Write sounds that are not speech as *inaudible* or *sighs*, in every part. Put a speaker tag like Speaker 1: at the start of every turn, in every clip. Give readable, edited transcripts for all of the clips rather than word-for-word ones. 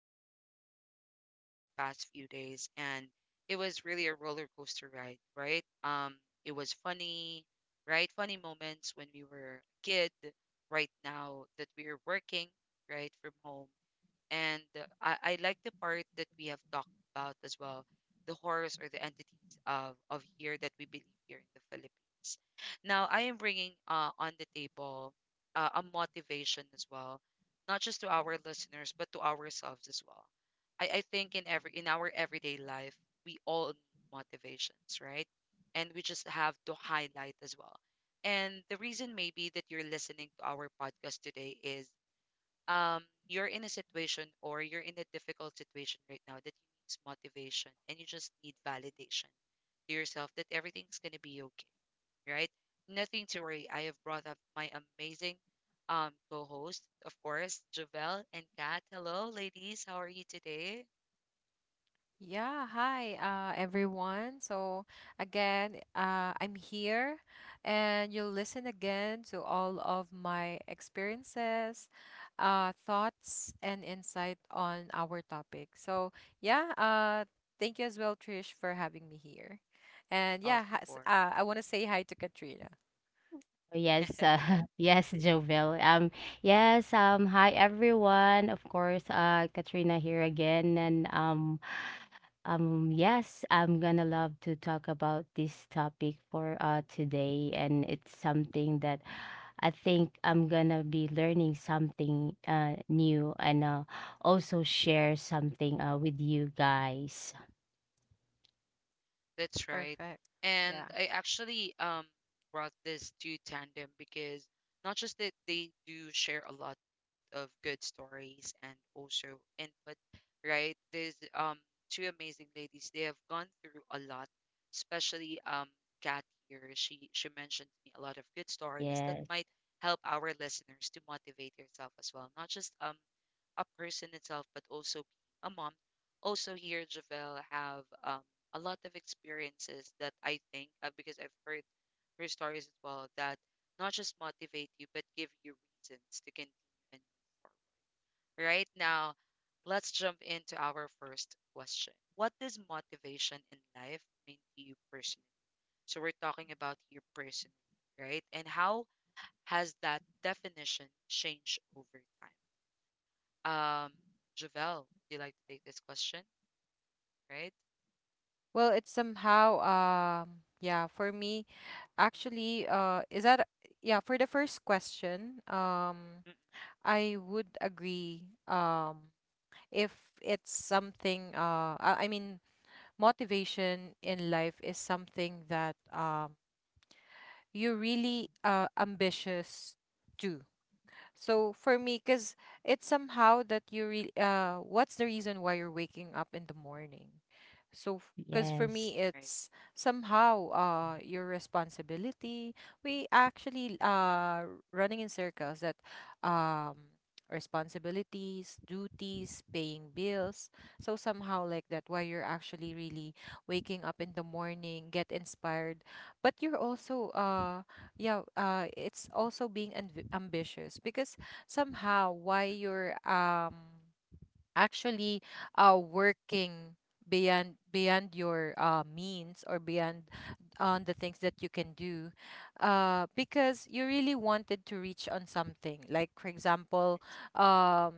Speaker 1: lot of podcasts for the past few days, and it was really a roller coaster ride, right? It was funny, right? Funny moments when we were a kid, right now that we are working, right, from home. And I like the part that we have talked about as well, the horrors or the entities of here that we believe here in the Philippines. Now, I am bringing on the table a motivation as well, not just to our listeners, but to ourselves as well. I think in every in our everyday life, we all need motivations, right? And we just have to highlight as well. And the reason maybe that you're listening to our podcast today is um, you're in a situation or you're in a difficult situation right now that you need motivation and you just need validation to yourself that everything's going to be okay, right? Nothing to worry. I have brought up my amazing co host, of course, Javel and Kat. Hello, ladies. How are you today?
Speaker 2: Yeah, hi everyone. So, again, I'm here and you'll listen again to all of my experiences, thoughts, and insight on our topic. So, yeah, thank you as well, Trish, for having me here. And yeah,
Speaker 1: Of course.
Speaker 2: I want to say hi to Katrina.
Speaker 3: Oh, yes,
Speaker 1: *laughs*
Speaker 3: *laughs* yes, Jovel. Yes, hi everyone. Of course, Katrina here again, and yes, I'm gonna love to talk about this topic for today, and it's something that I think I'm gonna be learning something new, and also share something with you guys.
Speaker 1: That's right.
Speaker 2: Perfect.
Speaker 1: And I
Speaker 2: Yeah.
Speaker 1: actually brought this to Tandem because not just that they do share a lot of good stories and also input, right? There's two amazing ladies. They have gone through a lot, especially Kat here. She mentioned to me a lot of good stories that
Speaker 3: Yes,
Speaker 1: might help our listeners to motivate yourself as well. Not just a person itself, but also being a mom. Also here, Javelle have a lot of experiences that I think because I've heard her stories as well that not just motivate you but give you reasons to continue and move forward. Right now, let's jump into our first question. What does motivation in life mean to you personally? So we're talking about you personally, right? And how has that definition changed over time? Um, Javel, would you like to take this question? Right?
Speaker 2: Well, it's somehow, um, yeah, for me, actually, is that yeah, for the first question,
Speaker 1: Mm.
Speaker 2: I would agree. If it's something, I mean, motivation in life is something that you're really ambitious to. So for me, because it's somehow that you really, what's the reason why you're waking up in the morning? So, because for me,
Speaker 3: yes.
Speaker 1: Right.
Speaker 2: it's somehow your responsibility. We actually running in circles that um, responsibilities, duties, paying bills. So somehow like that, why you're actually really waking up in the morning, get inspired, but you're also yeah it's also being ambitious, because somehow why
Speaker 1: Mm,
Speaker 2: you're actually working beyond your means, or beyond on the things that you can do, because you really wanted to reach on something, like for example, um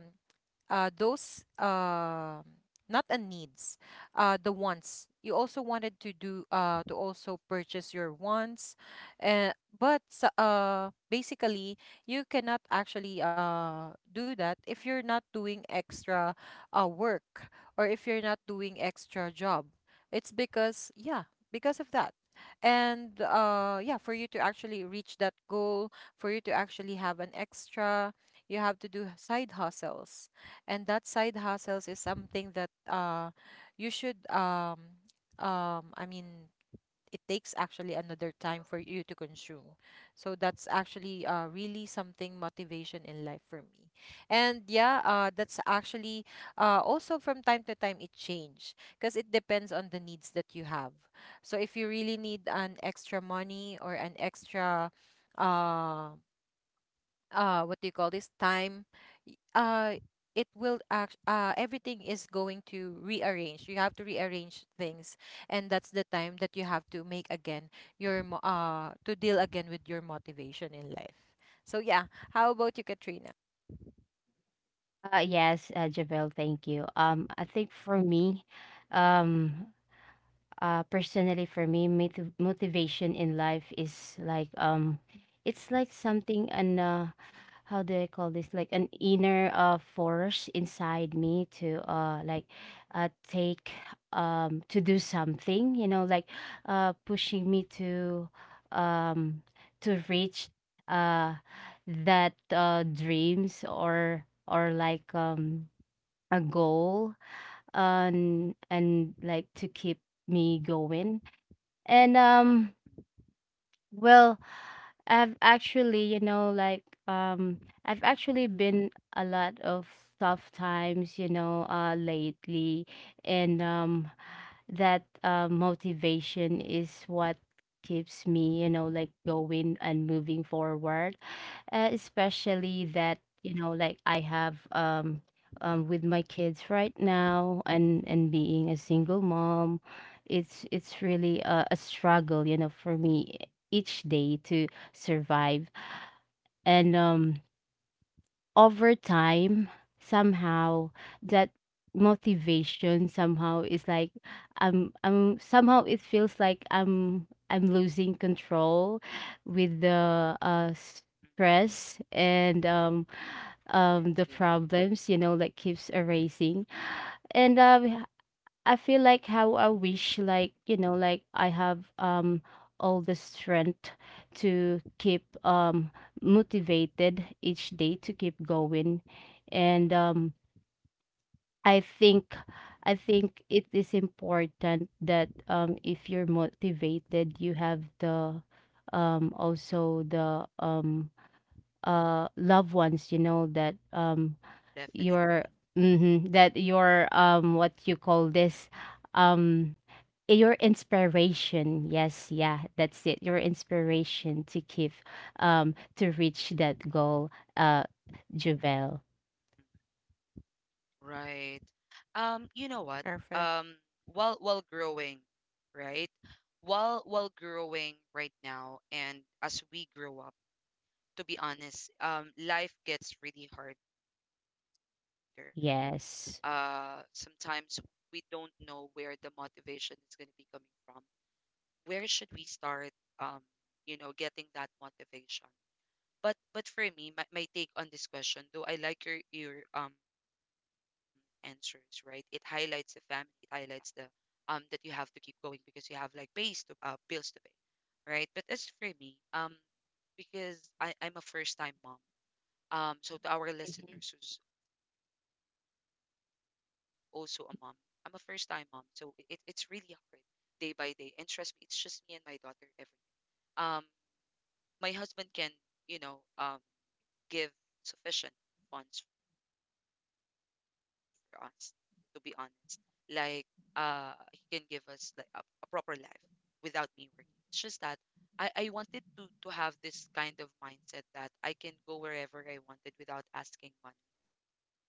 Speaker 2: those not a needs, the wants. You also wanted to do, to also purchase your wants, uh, but basically, you cannot actually do that if you're not doing extra work, or if you're not doing extra job. It's because yeah, because of that. And yeah, for you to actually reach that goal, for you to actually have an extra, you have to do side hustles, and that side hustles is something that you should I mean, it takes actually another time for you to consume. So that's actually really something motivation in life for me. And yeah, that's actually also from time to time it change, because it depends on the needs that you have. So if you really need an extra money, or an extra, um what do you call this time, y- uh it will act everything is going to rearrange. You have to rearrange things, and that's the time that you have to make again your to deal again with your motivation in life. So yeah, how about you, Katrina?
Speaker 3: Yes, Javel, thank you. I think for me, um, personally for me, motivation in life is like, it's like something an how do I call this? Like an inner force inside me to like take, to do something, you know, like pushing me to, um to reach uh that dreams, or like a goal, uh, and like to keep me going. And well, I've actually, you know, I've actually been a lot of tough times, you know, lately, and that motivation is what keeps me, you know, like going and moving forward. Especially that, you know, like I have with my kids right now, and being a single mom, it's really a struggle, you know, for me each day to survive. And Over time, somehow that motivation somehow is like, I'm somehow it feels like I'm losing control with the,
Speaker 1: mm,
Speaker 3: stress, and um,
Speaker 1: mm,
Speaker 3: um, the
Speaker 1: yeah.
Speaker 3: problems, you know, like keeps erasing. And I feel like how I wish, like, you know, like I have all the strength to keep motivated each day to keep going. And I think, it is important that, if you're motivated you have the, also the, loved ones, you know, that
Speaker 1: Definitely.
Speaker 3: your mhm, that your, what you call this, um your inspiration, yes, yeah, that's it, your inspiration to keep, to reach that goal, uh Javel.
Speaker 1: Mm. Right. You know what?
Speaker 2: Perfect.
Speaker 1: Um, while growing, right? While growing right now and as we grow up, to be honest, life gets really harder. Sometimes
Speaker 3: Yes.
Speaker 1: we don't know where the motivation is going to be coming from. Where should we start um getting that motivation, but for me, my take on this question, though I like your answers, right? It highlights the family. It highlights the that you have to keep going because you have like pays to bills to pay, right? But as for me, because I'm a first time mom, so to our listeners who's also a mom, I'm a first time mom, so it's really hard day by day, and trust me, it's just me and my daughter every um my husband can, you know, um, give sufficient funds for us, to be honest. Like, he can give us like a proper life without me working. It's just that I wanted to have this kind of mindset that I can go wherever I wanted without asking money as well.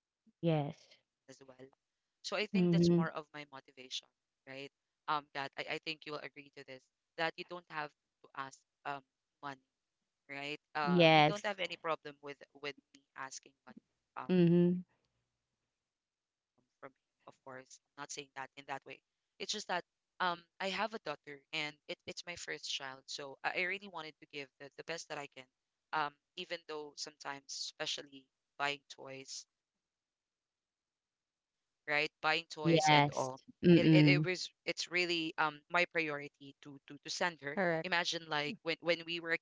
Speaker 1: So I
Speaker 3: Yes.
Speaker 1: think that's more of my motivation,
Speaker 3: Mm-hmm.
Speaker 1: right? Kat, I think you will agree to this, that you don't have to ask um money, right? We
Speaker 3: Yes.
Speaker 1: don't have any problem with me asking money
Speaker 3: Mm-hmm.
Speaker 1: from him. Of course, I'm not saying that in that way. It's just that um I have a daughter, and it's my first child, so I really wanted to give the best that I can. Um, Even though sometimes, especially buying toys, right? Buying toys and all, it it, it was
Speaker 3: Yes.
Speaker 1: it's really
Speaker 3: Mm-mm.
Speaker 1: my priority to send her. Imagine
Speaker 2: Correct.
Speaker 1: like when we were a kid.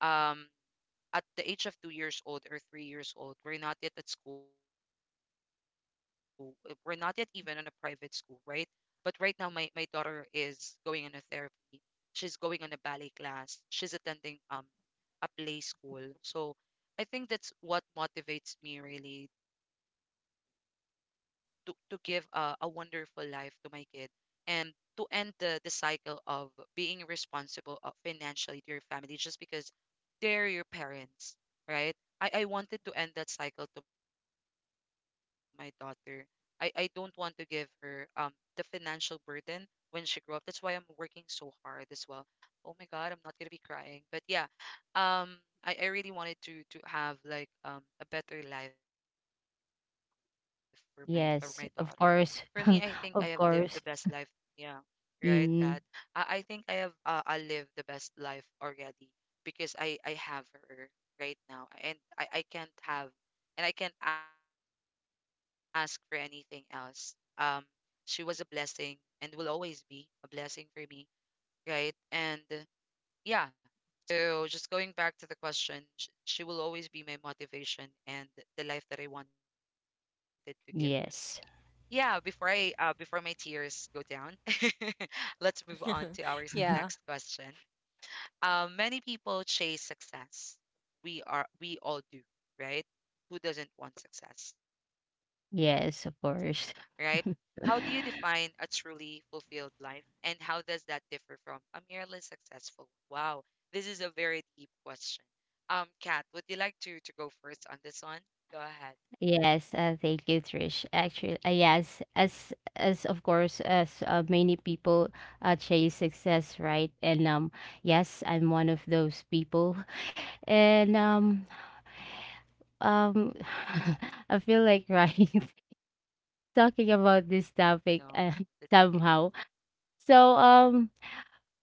Speaker 1: Um, at the age of 2 years old or 3 years old, we're not yet at school. We're not yet even on a private school, right? But right now, my daughter is going on a therapy. She's going on a ballet class. She's attending a play school. So I think that's what motivates me really to give a wonderful life to my kid, and to end the cycle of being responsible financially to your family just because they're your parents, right? I wanted to end that cycle to my daughter. I don't want to give her the financial burden when she grew up. That's why I'm working so hard as well. Oh my God, I'm not gonna be crying. But yeah, um, I really wanted to have like a better life for my daughter. For me, I think
Speaker 3: Yes,
Speaker 1: I have
Speaker 3: of
Speaker 1: lived the
Speaker 3: course.
Speaker 1: best
Speaker 3: *laughs*
Speaker 1: life.
Speaker 3: Of
Speaker 1: Yeah,
Speaker 3: course.
Speaker 1: right, Kat? I
Speaker 3: Mm.
Speaker 1: think I lived the best life already because I have her right now, and I can't ask for anything else. Um, she was a blessing and will always be a blessing for me, right? And yeah, so just going back to the question, she will always be my motivation and the life that I wanted to give to her.
Speaker 3: Yes.
Speaker 1: Yeah, before I before my tears go down, *laughs* let's move on
Speaker 2: *laughs*
Speaker 1: to our
Speaker 2: Yeah.
Speaker 1: next
Speaker 3: *laughs*
Speaker 1: question. Um, many people chase success. We all do, right? Who doesn't want success, right?
Speaker 3: Yes, of
Speaker 1: How do you
Speaker 3: course.
Speaker 1: define a truly fulfilled life, and how does that differ from a merely successful one? Wow, this is a very deep question. Kat, would you like to go first on this one? Go ahead.
Speaker 3: Yes, thank you, Trish. Actually, yes, as of course, as many people chase success, right? And yes, I'm one of those people. *laughs* And um, *laughs* I feel like right *laughs* talking about this topic, *laughs*
Speaker 1: No, that's
Speaker 3: somehow. So um,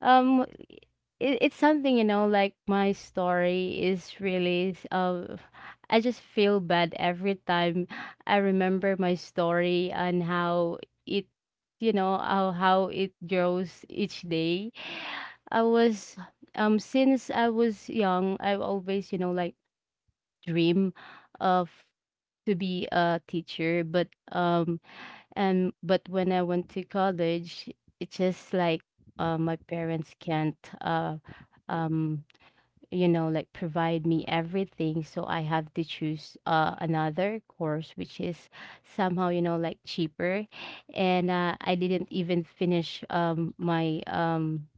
Speaker 3: Um, it's something, you know, like my story is really, I just feel bad every time I remember my story and how it, you know, how it
Speaker 1: okay.
Speaker 3: grows each day. I was, since I was young, I've always, you know, like dream of to be a teacher, but, and but when I went to college, it's just like, my parents can't, um you know, like provide me everything, so I have to choose another course which is somehow, you know, like cheaper, and I didn't even finish my um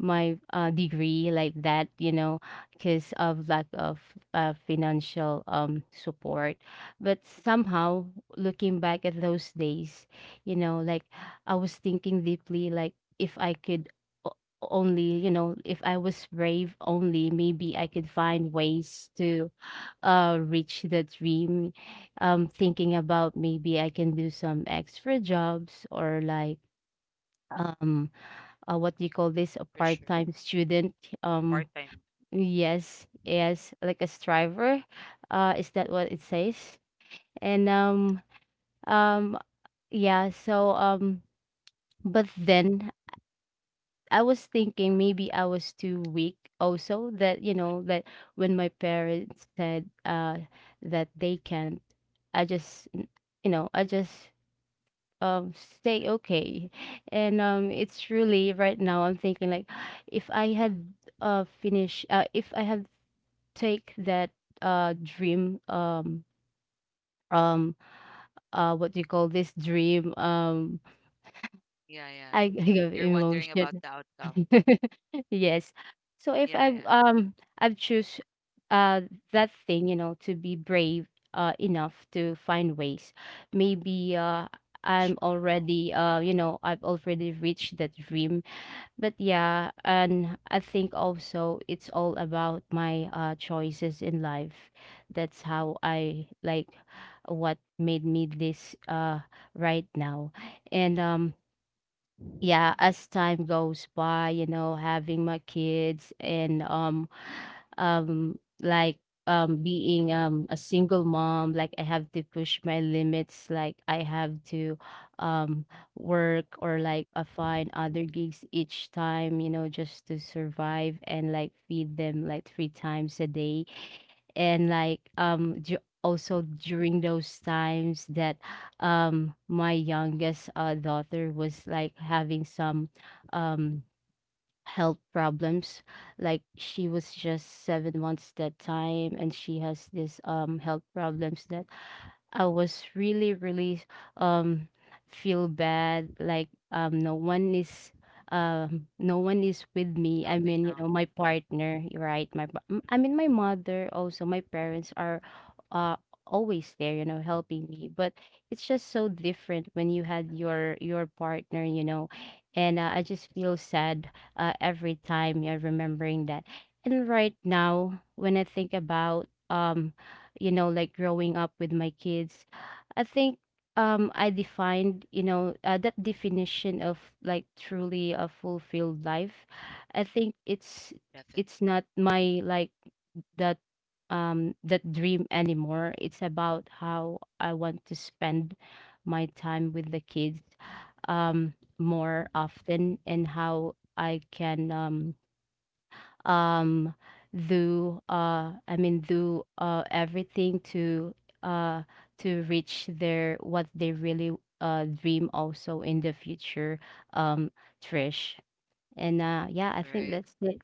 Speaker 3: my uh, degree like that, you know, because of lack of financial support. But somehow, looking back at those days, you know, like, I was thinking deeply like, if I could, o- only, you know, if I was brave only, maybe I could find ways to reach the dream. Thinking about maybe I can do some extra jobs, or like, um what do you call
Speaker 1: For
Speaker 3: this, a
Speaker 1: sure.
Speaker 3: part-time student? um
Speaker 1: Part-time.
Speaker 3: yes, yes, like a striver, is that what it says? And um um yeah, so, but then I was thinking maybe I was too weak also, that you
Speaker 1: Mm, mm,
Speaker 3: know that when my parents said, that they can't, I just, you know, I just stay
Speaker 1: mm.
Speaker 3: okay. And it's really right now I'm thinking like, *sighs* if I had, finish if I had take that dream, um what do you call this, dream,
Speaker 1: Yeah, yeah.
Speaker 3: I, *laughs*
Speaker 1: You're
Speaker 3: I have
Speaker 1: wondering about the
Speaker 3: emotion.
Speaker 1: outcome.
Speaker 3: *laughs* Yes. So
Speaker 1: Yeah,
Speaker 3: if,
Speaker 1: yeah.
Speaker 3: I've choose uh that thing, you know, to be brave enough to find ways.
Speaker 1: Sure.
Speaker 3: Maybe I'm already, you know, I've already reached that dream. But yeah, and I think also it's all about my choices in life. That's how I like what made me this, right now. And yeah, as time goes by, you know, having my kids and, um like being a single mom. Like I have to push my limits, like I have to um work, or like, find other gigs each time, you know, just to survive and like feed them like 3 times a day. and like um du- Also during those times that, my youngest, daughter was like having some um health problems. Like she was just 7 months that time, and she has this health problems that I was really, really um feel bad. No one is, no one is with
Speaker 1: Helping
Speaker 3: me. I
Speaker 1: out.
Speaker 3: mean, you know, my partner, right?
Speaker 1: Mm,
Speaker 3: I mean,
Speaker 1: mm,
Speaker 3: my mother also. My parents are uh always there, you know, helping me. But it's just so different when you had your partner, you know,
Speaker 1: partner as
Speaker 3: and, I just feel sad, every time you're remembering that. And right now, when I think about, you know, like growing up with my kids, I think, I defined, you know, that definition of like truly a fulfilled life. I think
Speaker 1: well.
Speaker 3: it's
Speaker 1: Definitely.
Speaker 3: it's not my like, that, that dream anymore. It's about how I want to spend my time with the kids, more often, and how I can, um do I mean, do, everything uh to reach their, what they really dream also in the future, um Trish. And yeah, I
Speaker 1: Right,
Speaker 3: think that's it.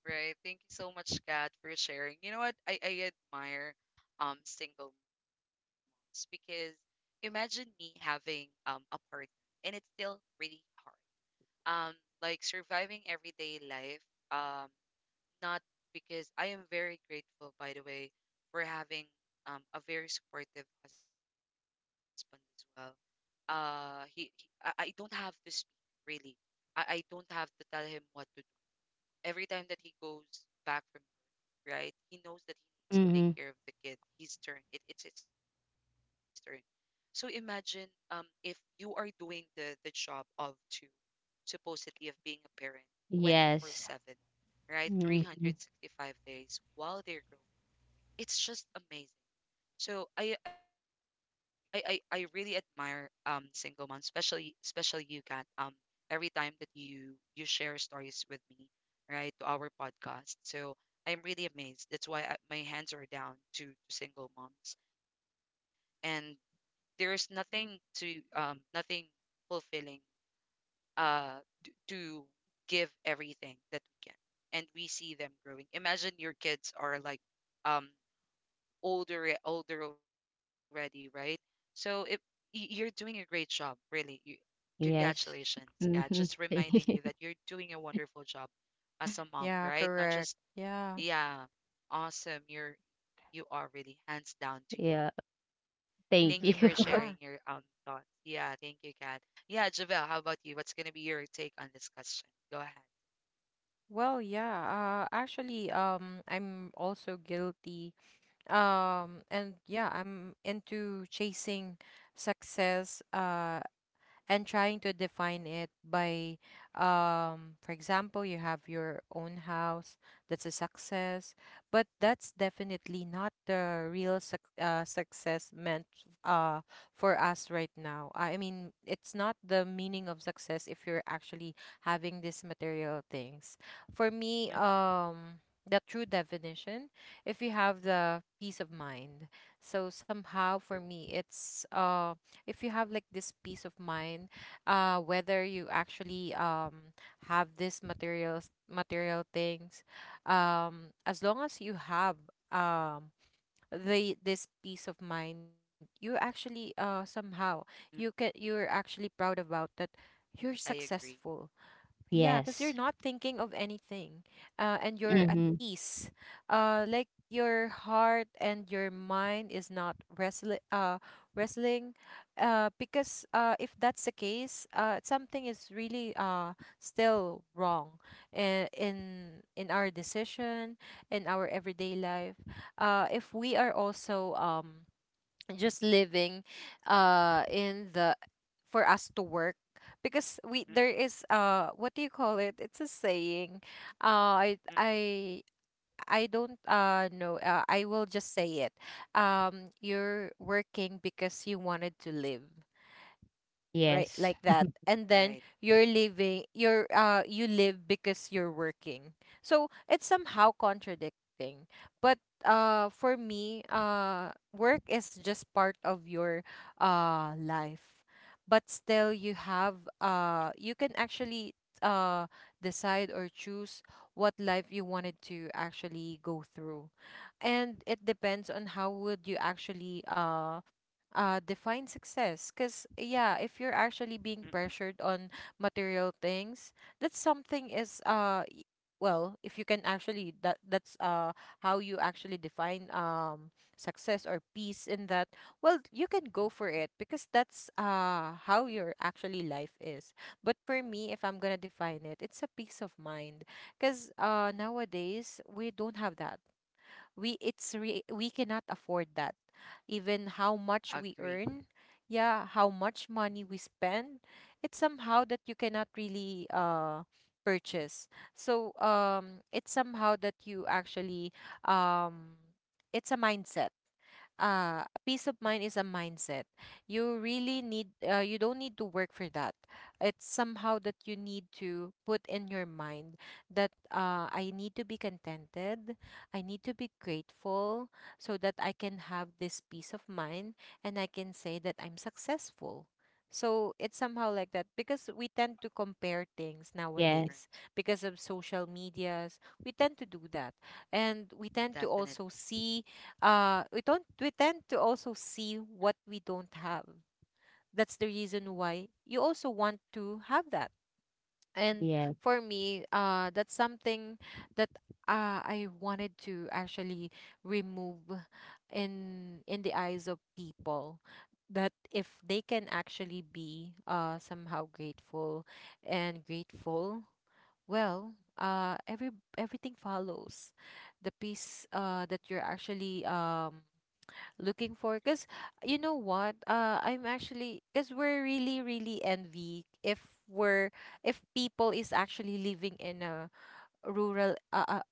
Speaker 1: right. Thank you so much, Kat, for sharing. You know what? I admire single moms because imagine me having a partner, and it's still really hard. Um, like surviving everyday life. Um, Not because I am very grateful, by the way, for having a very supportive husband as well. Uh, he, he I don't have to speak really. I don't have to tell him what to do. Every time that he goes back from work, right, he knows that he needs to take
Speaker 3: Mm-hmm.
Speaker 1: care of the kid. His turn. It's his turn. So imagine if you are doing the job of two, supposedly of being a parent,
Speaker 3: Yes.
Speaker 1: 24/7, right?
Speaker 3: Hmm.
Speaker 1: 365 days while they're growing. It's just amazing. So I really admire single moms, especially you, Kat. Every time that you share stories with me, right, to our podcast. So I'm really amazed. That's why my hands are down to single moms, and there's nothing to nothing fulfilling uh to give everything that we can, and we see them growing. Imagine your kids are like um older already, right? So if you're doing a great job, really. You, congratulations.
Speaker 3: Yes.
Speaker 1: Yeah, just
Speaker 3: Mhm.
Speaker 1: reminding you that you're
Speaker 3: *laughs*
Speaker 1: doing a wonderful job as a mom,
Speaker 2: Yeah,
Speaker 1: right? Not just
Speaker 2: correct. Yeah.
Speaker 1: yeah, awesome. You are really hands down to you.
Speaker 3: Yeah,
Speaker 1: Thank you for sharing
Speaker 3: thank
Speaker 2: Mm-hmm.
Speaker 1: your
Speaker 3: you.
Speaker 2: Yeah.
Speaker 3: *laughs*
Speaker 1: thoughts. Yeah, thank you, Kat. Yeah, Javel, how about you? What's gonna be your take on this question? Go ahead.
Speaker 2: Well, yeah, actually, I'm also guilty, and yeah, I'm into chasing success, and trying to define it by, for example, you have your own house, that's a success. But that's definitely not the real, success meant uh for us right now. I mean, it's not the meaning of success if you're actually having these material things. For me,
Speaker 1: Mm.
Speaker 2: the true definition, if you have the peace of mind. So somehow for
Speaker 1: True.
Speaker 2: me it's, if you have like this peace of mind, whether you actually have this material things, as long as you have um the this peace of mind, you actually
Speaker 1: Mm.
Speaker 2: somehow, you're actually proud about
Speaker 1: I
Speaker 2: that,
Speaker 1: agree.
Speaker 2: you're successful. Yeah, because you're
Speaker 3: Yes.
Speaker 2: not thinking of anything, and you're at
Speaker 3: Mhm.
Speaker 2: peace. Like your heart and your mind is not wrestling. Wrestling. Because if that's the case, something is really still wrong, in in in our decision, in our everyday life. If we are also, just living in the, for us to
Speaker 1: Mm,
Speaker 2: work, because we there is, what do you call it, it's a saying.
Speaker 1: mm.
Speaker 2: uh i i I don't know. I will just say it. You're working because you wanted to live. Right,
Speaker 3: Yes.
Speaker 2: like
Speaker 1: Right.
Speaker 2: that. And then you're living, you live because you're working. So it's somehow contradicting. But for me, work is just part of your life. But still, you can actually uh decide or choose what life you wanted to actually go through. And it depends on how would you actually define success. Because
Speaker 1: Mm,
Speaker 2: yeah,
Speaker 1: mm.
Speaker 2: if you're actually being pressured on material things, that's something is, well, if you can actually, that's how you actually define success or peace in that, well, you can go for it, because that's how your actually life is. But for me, if I'm gonna define it, it's a peace of mind. Because nowadays we don't have that. We cannot afford that, even
Speaker 1: Agree.
Speaker 2: how much we earn. Yeah, how much money we spend, it's somehow that you cannot really purchase. So it's somehow that you actually, um it's a mindset. Peace of mind is a mindset. You really need, you don't need to work for that. It's somehow that you need to put in your mind that, I need to be contented. I need to be grateful so that I can have this peace of mind, and I can say that I'm successful. So it's somehow like that, because we tend to compare
Speaker 1: Right.
Speaker 2: things
Speaker 3: Yes.
Speaker 2: nowadays, because of social medias we tend to do that, and we
Speaker 1: Definitely.
Speaker 2: tend to also see. We don't We tend to also see what we don't have. That's the reason why you also want to have that. And
Speaker 3: Yes.
Speaker 2: for me, that's something that, I wanted to actually remove in the eyes of people, that if they can actually be somehow grateful and grateful. Well, uh every everything follows the peace that you're actually looking for. Because you know what, I'm actually, because we're really really envy, if people is actually living in a, rural uh, uh,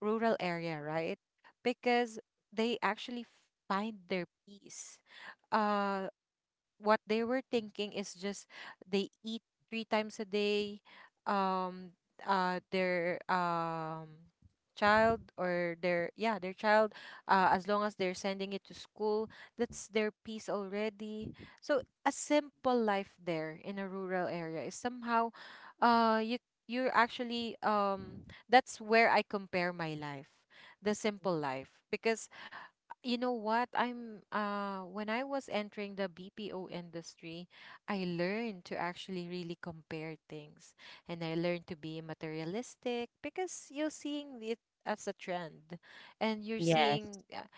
Speaker 2: rural area, right? Because they actually find their peace. uh what they were thinking is just, they eat three times a day, um their child, or their child, as long as they're sending it to school, that's their peace already. So a simple life there in a rural area is somehow, uh you you're actually, that's where I compare my life, the simple life. Because you know what? I'm When I was entering the BPO industry, I learned to actually really compare things, and I learned to be materialistic, because you're seeing it as a trend, and you're
Speaker 3: Yes.
Speaker 2: seeing,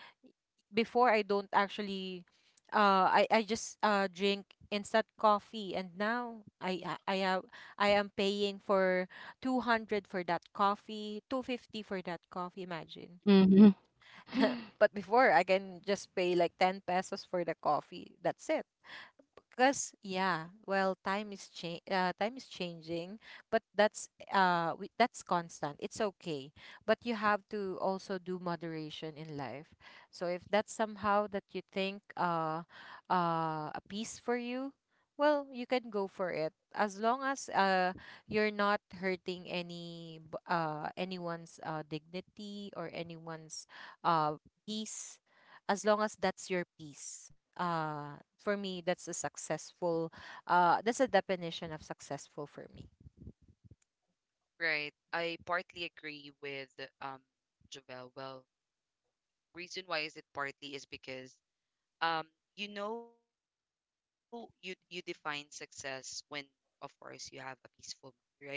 Speaker 2: before I don't actually, I just drink instant coffee, and now I ha- I have I am paying for 200 for that coffee, 250 for that coffee, imagine.
Speaker 3: Mhm. *gasps*
Speaker 2: *laughs* But before I can just pay like 10 pesos for the coffee. That's it. Because yeah, well, time is, time is changing. But that's, that's constant, it's okay. But you have to also do moderation in life. So if that's somehow that you think, a piece for you, well, you can go for it, as long as you're not hurting, anyone's dignity, or anyone's uh peace. As long as that's your peace, for me, that's a successful, that's a definition of successful for me.
Speaker 1: Right. I partly agree with um Javel. Well, reason why is it partly is because um you define success when, of course, you have a peaceful mind, right?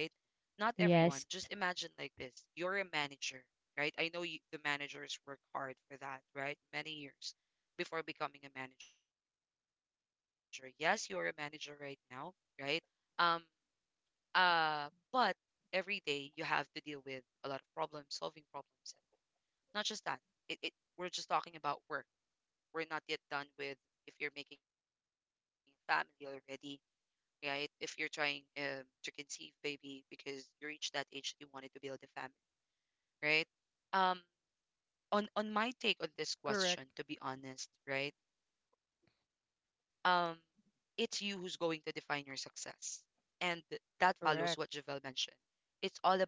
Speaker 1: Not everyone. Just
Speaker 3: Yes.
Speaker 1: imagine like this. You're a manager, right? I know you, the managers work hard for that, right? Many years before becoming a manager. Yes, you're a manager right now, right? Um uh, but every day you have to deal with a lot of problems, solving problems. Not just that. It we're just talking about work. We're not yet done with if you're making a family already, right? If you're trying to conceive baby because you reached that age that you wanted to build a family, right? Um, on my take on this
Speaker 2: Correct.
Speaker 1: question, to be honest, right? Um, it's you who's going to define your success, and that follows what
Speaker 2: Correct.
Speaker 1: Javel mentioned. It's all about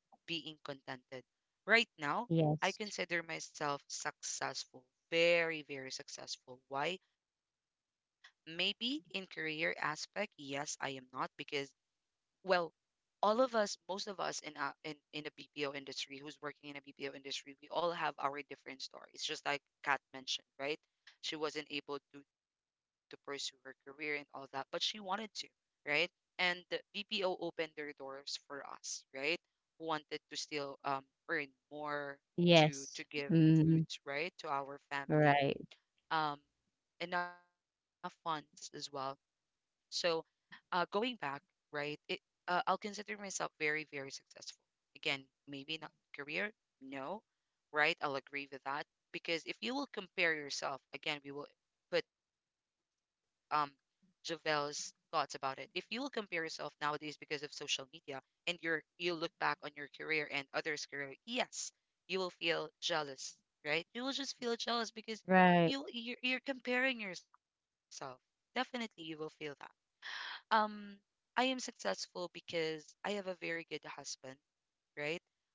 Speaker 1: being contented. Right now, I
Speaker 3: Yes.
Speaker 1: consider myself successful, very, very successful. Why? Maybe in career aspect, yes, I am not because, well, all of us, most of us in a, in in the BPO industry, who's working in a BPO industry, we all have our different stories. Just like Kat mentioned, right? She wasn't able to pursue her career and all that, but she wanted to, right? And the BPO opened their doors for us, right? Who wanted to still earn more
Speaker 3: Yes.
Speaker 1: to give
Speaker 3: Mhm.
Speaker 1: foods, right, to our family.
Speaker 3: Right.
Speaker 1: Um, enough funds as well. So going back, right? It I'll consider myself very, very successful. Again, maybe not career, no, right? I'll agree with that because if you will compare yourself, again, we will put um Javel's thoughts about it. If you will compare yourself nowadays because of social media, and you'll look back on your career and others' career, yes, you will feel jealous, right? You will just feel jealous because
Speaker 3: Right.
Speaker 1: you're comparing yourself. Definitely, you will feel that um, I am successful because I have a very good husband, right?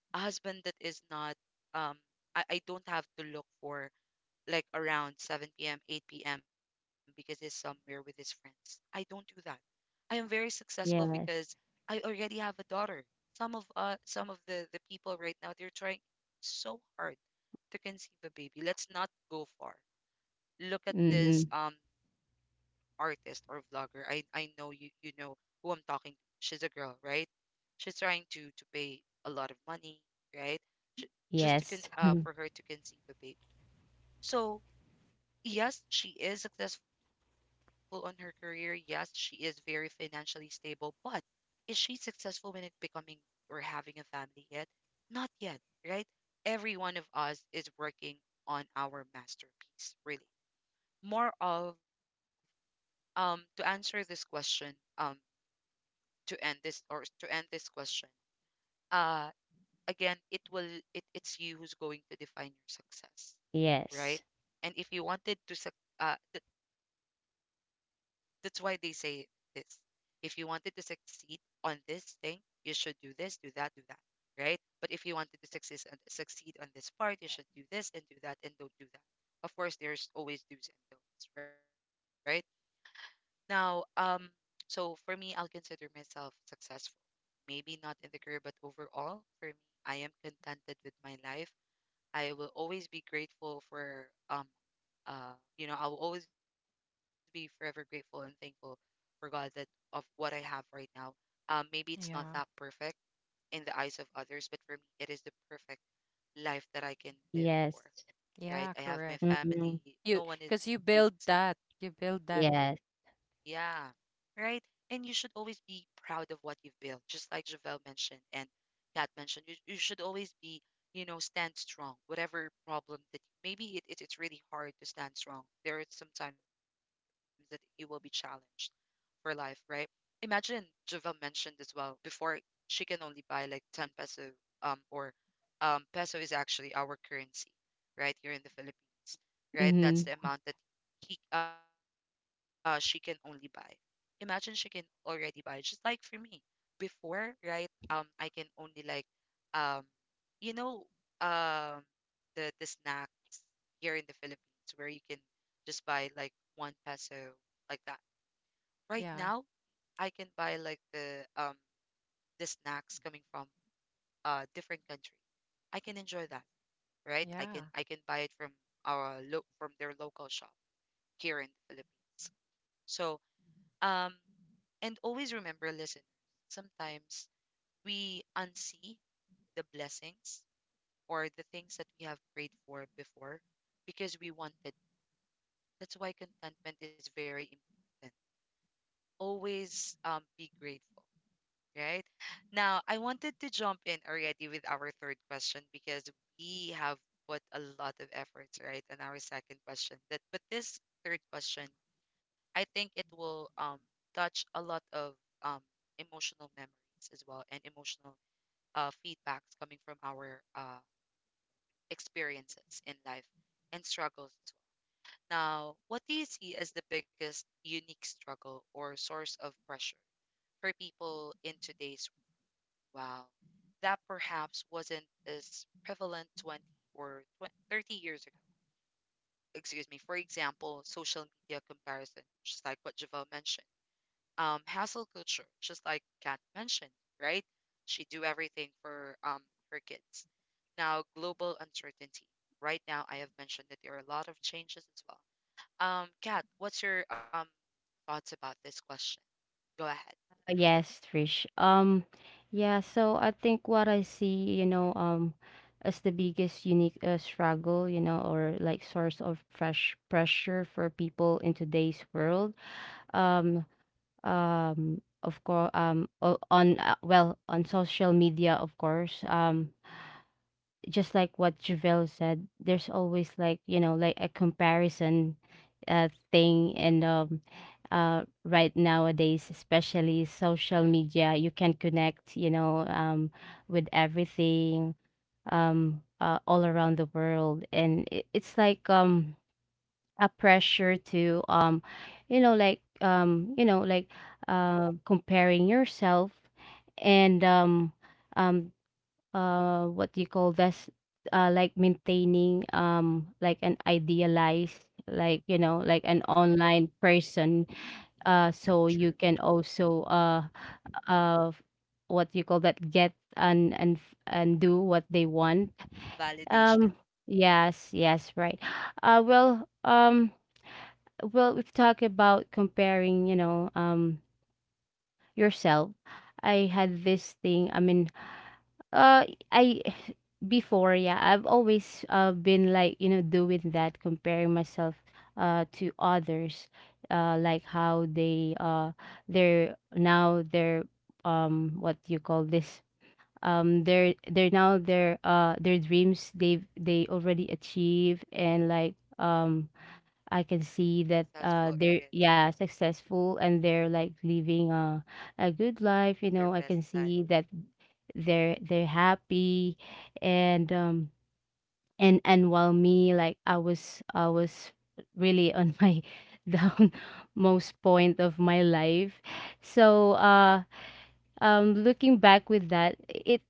Speaker 1: A husband that is not, um, I don't have to look for like around 7 p.m., 8 p.m. because he's somewhere with his friends. I don't do that. I am very successful because
Speaker 3: Yes.
Speaker 1: I already have a daughter. Some of the people right now, they're trying so hard to conceive a baby. Let's not go far look at this
Speaker 3: Mhm.
Speaker 1: artist or vlogger. I know you know who I'm talking to. She's a girl, right? She's trying to pay a lot of money, right? J- just to con-
Speaker 3: Yes.
Speaker 1: uh
Speaker 3: *laughs*
Speaker 1: for her to conceive a baby. So yes, she is successful on her career. Yes, she is very financially stable. But is she successful when it becoming or having a family yet? Not yet, right? Every one of us is working on our masterpiece, really more of to answer this question um to end this or to end this question uh again it will it's you who's going to define your success,
Speaker 3: Yes.
Speaker 1: right? And if you wanted to suc th- that's why they say this. If you wanted to succeed on this thing, you should do this, do that, do that, right? But if you wanted to succeed on this part, you should do this and do that, and don't do that. Of course, there's always do's and don'ts, right? Now, so for me, I'll consider myself successful. Maybe not in the career, but overall, for me, I am contented with my life. I will always be grateful for I will always be forever grateful and thankful for God that of what I have right now. Maybe it's not that
Speaker 2: Yeah.
Speaker 1: perfect in the eyes of others, but for me, it is the perfect life that I can live for.
Speaker 3: Yes.
Speaker 1: Right?
Speaker 2: Yeah,
Speaker 1: I have my
Speaker 2: correct.
Speaker 1: family.
Speaker 3: Mhm.
Speaker 2: You
Speaker 1: No one is
Speaker 2: Because you
Speaker 1: being
Speaker 2: build
Speaker 1: sick,
Speaker 2: that. You build that.
Speaker 3: Yes.
Speaker 1: yeah, right. And you should always be proud of what you've built, just like Javel mentioned and Kat mentioned. You should always be, you know, stand strong, whatever problem that maybe it's really hard to stand strong. There are sometimes that you will be challenged for life, right? Imagine Javel mentioned as well before she can only buy like 10 peso or peso is actually our currency right here in the Philippines, right? That's
Speaker 3: Mhm.
Speaker 1: the amount that he she can only buy. Imagine she can already buy, just like for me before, right? I can only like, um you know um the snacks here in the Philippines where you can just buy like one peso, like that. Right
Speaker 2: Yeah.
Speaker 1: now, I can buy like the snacks coming from a different country. I can enjoy that, right?
Speaker 2: Yeah.
Speaker 1: I can buy it from our look from their local shop here in the Philippines. So um and always remember, listeners, sometimes we unsee the blessings or the things that we have prayed for before because we wanted. That's why contentment is very important. Always be grateful, right? Now, I wanted to jump in already with our third question because we have put a lot of efforts, right, on our second question. That but this third question, I think it will touch a lot of um emotional memories as well and emotional feedbacks coming from our experiences in life and struggles as well. Now, what do you see as the biggest unique struggle or source of pressure for people in today's Wow. That perhaps wasn't as prevalent 20 or 20, 30 years ago. Excuse me. For example, social media comparison, just like what Javel mentioned. Hassle culture, just like Kat mentioned, right? She do everything for her kids. Now, global uncertainty. Right now, I have mentioned that there are a lot of changes as well. Kat, what's your thoughts about this question? Go ahead.
Speaker 3: Yes, Trish. Yeah, so I think what I see, you know, as the biggest unique, struggle, you know, or like source of fresh pressure for people in today's world, um, of course, on, well, on social media, of course, just like what Javel said, there's always like, you know, like a comparison thing. And right nowadays, especially social media, you can connect, you know, with everything, all around the world, and it's like, a pressure to, you know, like comparing yourself, and um what do you call this? Like maintaining, like an idealized, like, you know, like an online person, so you
Speaker 1: True.
Speaker 3: can also, uh what do you call that, get, and and do what they want.
Speaker 1: Validation.
Speaker 3: um yes, yes, right. Well, well, we've talked about comparing, you know, yourself. I had this thing, I mean, Uh, I *sighs* before, yeah, I've always been like, you know, doing that, comparing myself to others, like how they, they're, what do you call this? They're now their, their dreams they've, they already achieved, and like, I can see that,
Speaker 1: Successful
Speaker 3: they're,
Speaker 1: area.
Speaker 3: yeah, successful, and they're like living a good life, you
Speaker 1: Their
Speaker 3: know, I
Speaker 1: best
Speaker 3: can
Speaker 1: life.
Speaker 3: see that they're happy. And um and and while me, like, I was really on my *laughs* down most point of my life. So looking back with that, it,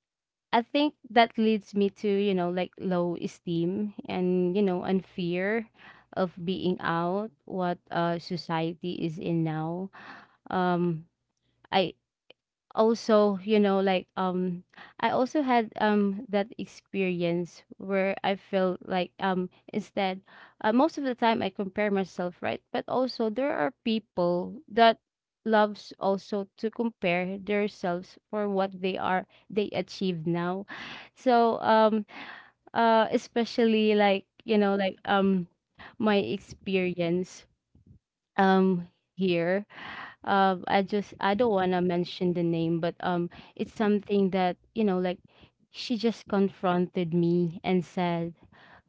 Speaker 3: I think that leads me to, you know, like low esteem, and you know, and fear of being out what society is in now. um I also, you know, like, I also had that experience where I felt like, instead, most of the time I compare myself, right? But also there are people that loves also to compare themselves for what they are, they achieve now. So especially like, you know, like, my experience, um here, I don't want to mention the name, but, it's something that, you know, like, she just confronted me and said,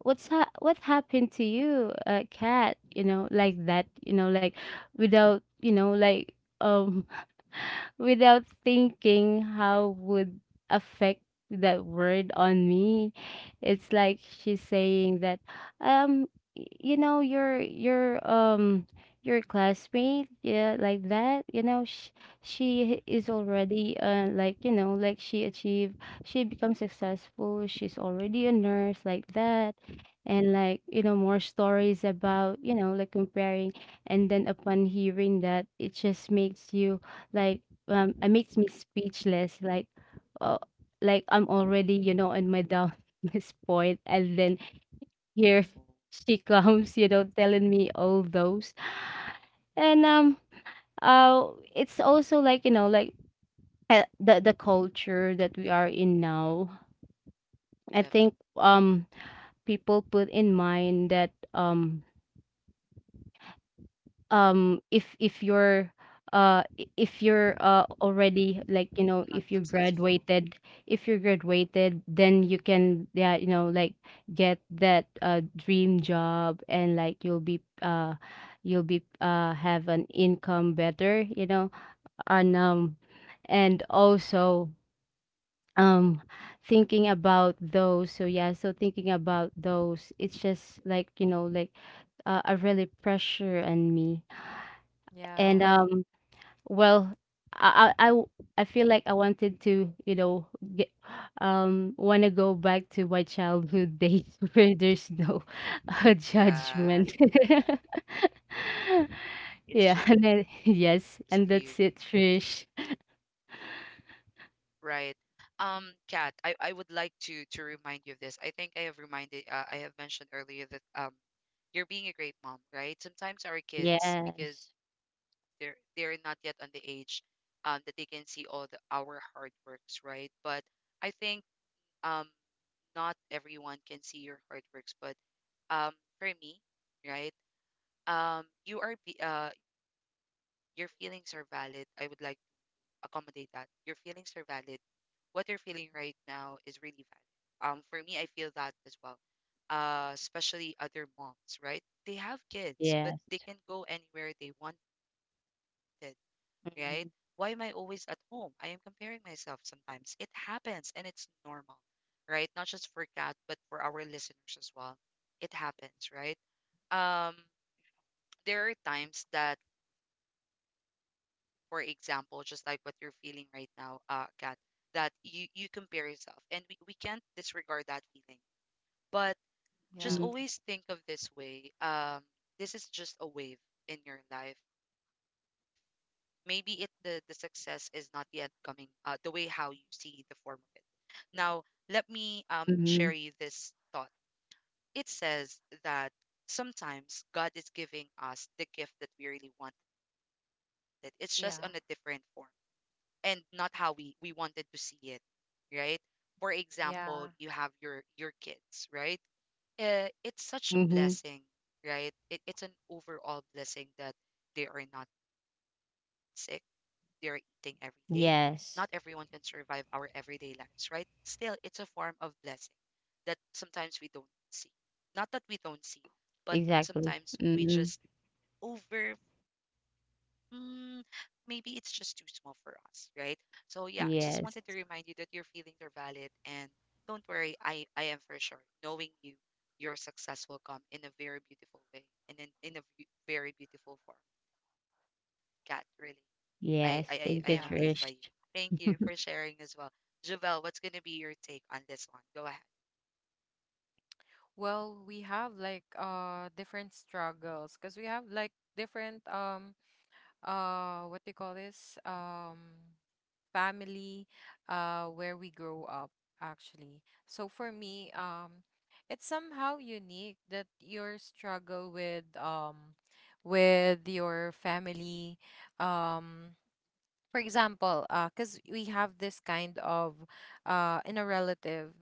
Speaker 3: what happened to you, Cat? You know, like that, you know, like, without, you know, like, um *laughs* without thinking how would affect that word on me. It's like she's saying that, um you know, your, your classmate, yeah, like that, you know, she is already, like, you know, like, she achieved, she becomes successful, she's already a nurse like that.
Speaker 1: Mm, mm,
Speaker 3: And like, you know, more stories about, you know, like comparing. And then upon hearing that, it just makes you
Speaker 1: mm, mm.
Speaker 3: like, it makes me speechless, like, uh, like I'm already, you know, in my down *laughs* this point, and then
Speaker 1: I know.
Speaker 3: here she comes, you know, telling me all those. And um uh it's also like, you know, like, the culture that we are in now.
Speaker 1: Definitely
Speaker 3: I think, people put in mind that, if you're, if you're,
Speaker 1: not
Speaker 3: already
Speaker 1: successful.
Speaker 3: like, you know, if you graduated, then you can, yeah, you know, like, get that dream job, and like, you'll be, have an income better, you know. And um and also um thinking about those, so yeah, so thinking about those, it's just like, you know, like, a really pressure on me. and
Speaker 2: Yeah.
Speaker 3: um well, I I I w- I feel like I wanted to, you know, get, want to go back to my childhood days *laughs* where there's no,
Speaker 1: Yeah,
Speaker 3: judgment. *laughs*
Speaker 1: it's
Speaker 3: Yeah,
Speaker 1: just
Speaker 3: and
Speaker 1: you,
Speaker 3: then, *laughs* yes, and that's it, Trish.
Speaker 1: right? Kat, I would like to remind you of this. I think I have reminded I have mentioned earlier that you're being a great mom, right? Sometimes our kids because they're
Speaker 3: Yes.
Speaker 1: they're not yet on the age that they can see all the our hard works, right? But I think um not everyone can see your hard works, but um for me, right? You are your feelings are valid. I would like to accommodate that. Your feelings are valid. What you're feeling right now is really valid. For me, I feel that as well. Especially other moms, right? They have kids but they
Speaker 3: Yes.
Speaker 1: can go anywhere they wanted, right? Why am I always
Speaker 3: Mm-hmm.
Speaker 1: at home? I am comparing myself. Sometimes it happens and it's normal, right? Not just for Cat but for our listeners as well. It happens, right? um there are times that, for example, just like what you're feeling right now, Kat, that you compare yourself, and we can't disregard that feeling. But just
Speaker 2: Yeah.
Speaker 1: always think of this way. This is just a wave in your life. Maybe it the success is not yet coming. The way how you see the form of it. Now, let me share
Speaker 3: Mm-hmm.
Speaker 1: you this thought. It says that sometimes God is giving us the gift that we really wanted. It's just on a different form
Speaker 2: Yeah.
Speaker 1: and not how we wanted to see it, right? For example, you
Speaker 2: Yeah.
Speaker 1: have your kids, right? It's such a
Speaker 3: Mm-hmm.
Speaker 1: blessing, right? It's an overall blessing that they are not sick. They are eating every day. Not everyone can
Speaker 3: Yes.
Speaker 1: survive our everyday lives, right? Still, it's a form of blessing that sometimes we don't see. Not that we don't see, but
Speaker 3: Exactly.
Speaker 1: sometimes we
Speaker 3: Mm-hmm.
Speaker 1: just over, mm, maybe it's just too small for us, right? So yeah, just wanted to remind you
Speaker 3: Yes.
Speaker 1: that your feelings are valid and don't worry, I am for sure. Knowing you, your success will come in a very beautiful way and in a very beautiful form. Kat, really. I am
Speaker 3: Yes.
Speaker 1: amazed by
Speaker 3: Thank
Speaker 1: you.
Speaker 2: Yeah.
Speaker 3: you, Trish.
Speaker 1: Thank you for
Speaker 3: *laughs*
Speaker 1: sharing as well. Javel, what's going to be your take on this one? Go ahead.
Speaker 2: Well, we have like different struggles, because we have like different, what do you call this? Family, where we grow up, actually. So for me, it's somehow unique that your struggle with your family, um for example, because we have this kind of, in a relative,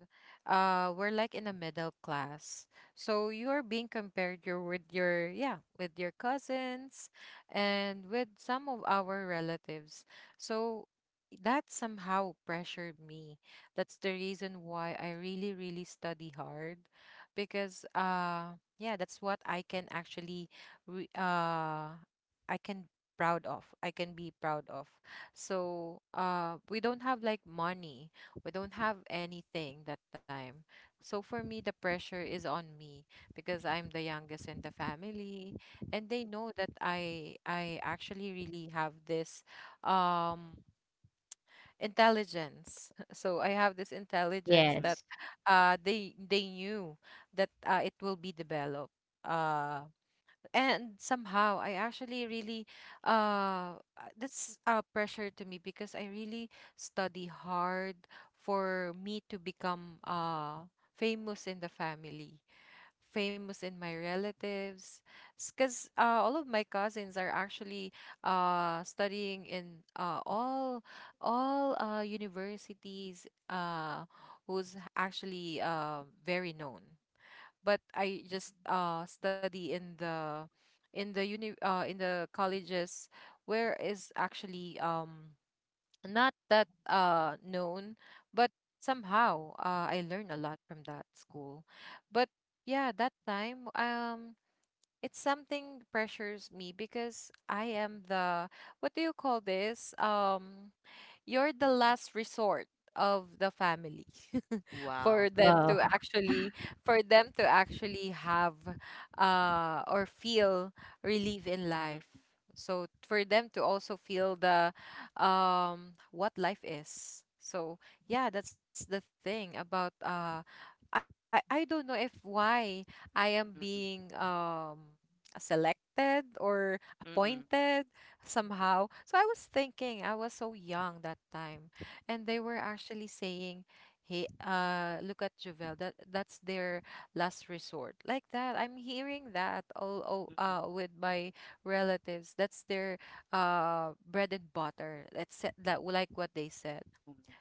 Speaker 2: we're like in a middle class. So you are being compared, your with your yeah with your cousins, and with some of our relatives. So that somehow pressured me. That's the reason why I really really study hard, because yeah, that's what I can actually re- uh I can I can be proud of. So we don't have like money. We don't have anything that time. So for me, the pressure is on me because I'm the youngest in the family, and they know that I actually really have this um intelligence. *laughs* So I have this intelligence that
Speaker 3: Yes.
Speaker 2: they knew that, it will be developed. Uh, and somehow, I actually really that's a pressure to me, because I really study hard for me to become famous in the family, famous in my relatives. Because all of my cousins are actually studying in all universities who's actually very known, but I just study in the colleges where is actually not that known. But somehow I learn a lot from that school. But yeah, that time, it's something pressures me because I am the what do you call this? You're the last resort of the family. *laughs*
Speaker 1: Wow.
Speaker 2: for them
Speaker 3: Oh.
Speaker 2: to
Speaker 1: Mm-mm,
Speaker 2: actually for them to actually have, or feel relief in life, so for them to also feel the what life is. So yeah, that's the thing about I don't know if why I am
Speaker 1: mm-mm,
Speaker 2: being selected or
Speaker 1: mm-mm,
Speaker 2: appointed somehow. So I was thinking, I was so young that time, and they were actually saying, "Hey, look at Javel. That's their last resort." Like that, I'm hearing that all, all
Speaker 1: mm-mm, mm-mm.
Speaker 2: uh with my relatives. That's their bread and butter. That's it- that
Speaker 1: Oh,
Speaker 2: like
Speaker 1: no.
Speaker 2: what they
Speaker 1: Mm-mm,
Speaker 2: said.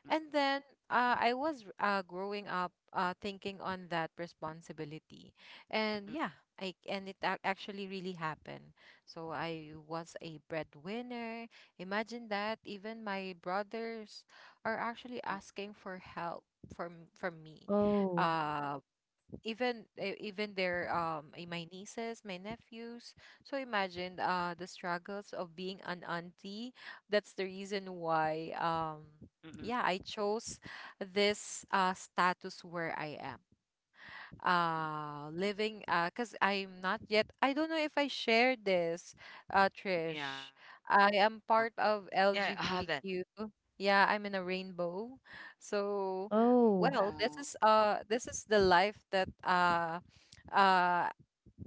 Speaker 2: And then, I was, growing up, thinking on that responsibility. And
Speaker 1: mm-mm,
Speaker 2: yeah, I and it ac- actually really happened. So I was a breadwinner. Imagine that even my brothers are
Speaker 1: mm-mm,
Speaker 2: actually asking for help from me. mm
Speaker 3: Oh,
Speaker 2: uh, Even even their my nieces, my nephews. So imagine the struggles of being an auntie. That's the reason
Speaker 1: mm-mm,
Speaker 2: why,
Speaker 1: mm-mm.
Speaker 2: yeah, I chose this status where I am living, cuz I'm not yet... I don't know if I share this,
Speaker 1: Yeah.
Speaker 2: Trish. I
Speaker 1: Yeah, I
Speaker 2: am part
Speaker 1: haven't.
Speaker 2: of LGBTQ. Yeah, I'm in a rainbow. So
Speaker 3: oh,
Speaker 2: well,
Speaker 1: Oh,
Speaker 2: this is the life that uh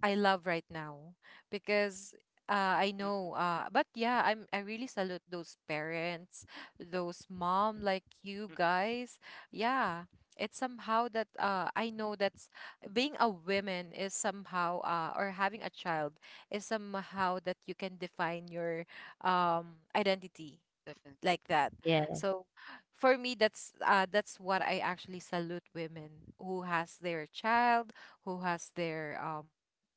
Speaker 2: I love right now, because, I
Speaker 1: mm-mm,
Speaker 2: know, but yeah, I really salute those parents, those
Speaker 1: mm-mm,
Speaker 2: mom like you guys. Yeah, it's somehow that, I know that's... being a woman is somehow, or having a child is somehow that you can define your,
Speaker 1: definitely.
Speaker 2: identity, like that.
Speaker 3: yes.
Speaker 2: So for me that's what I actually salute, women who has their child, who has their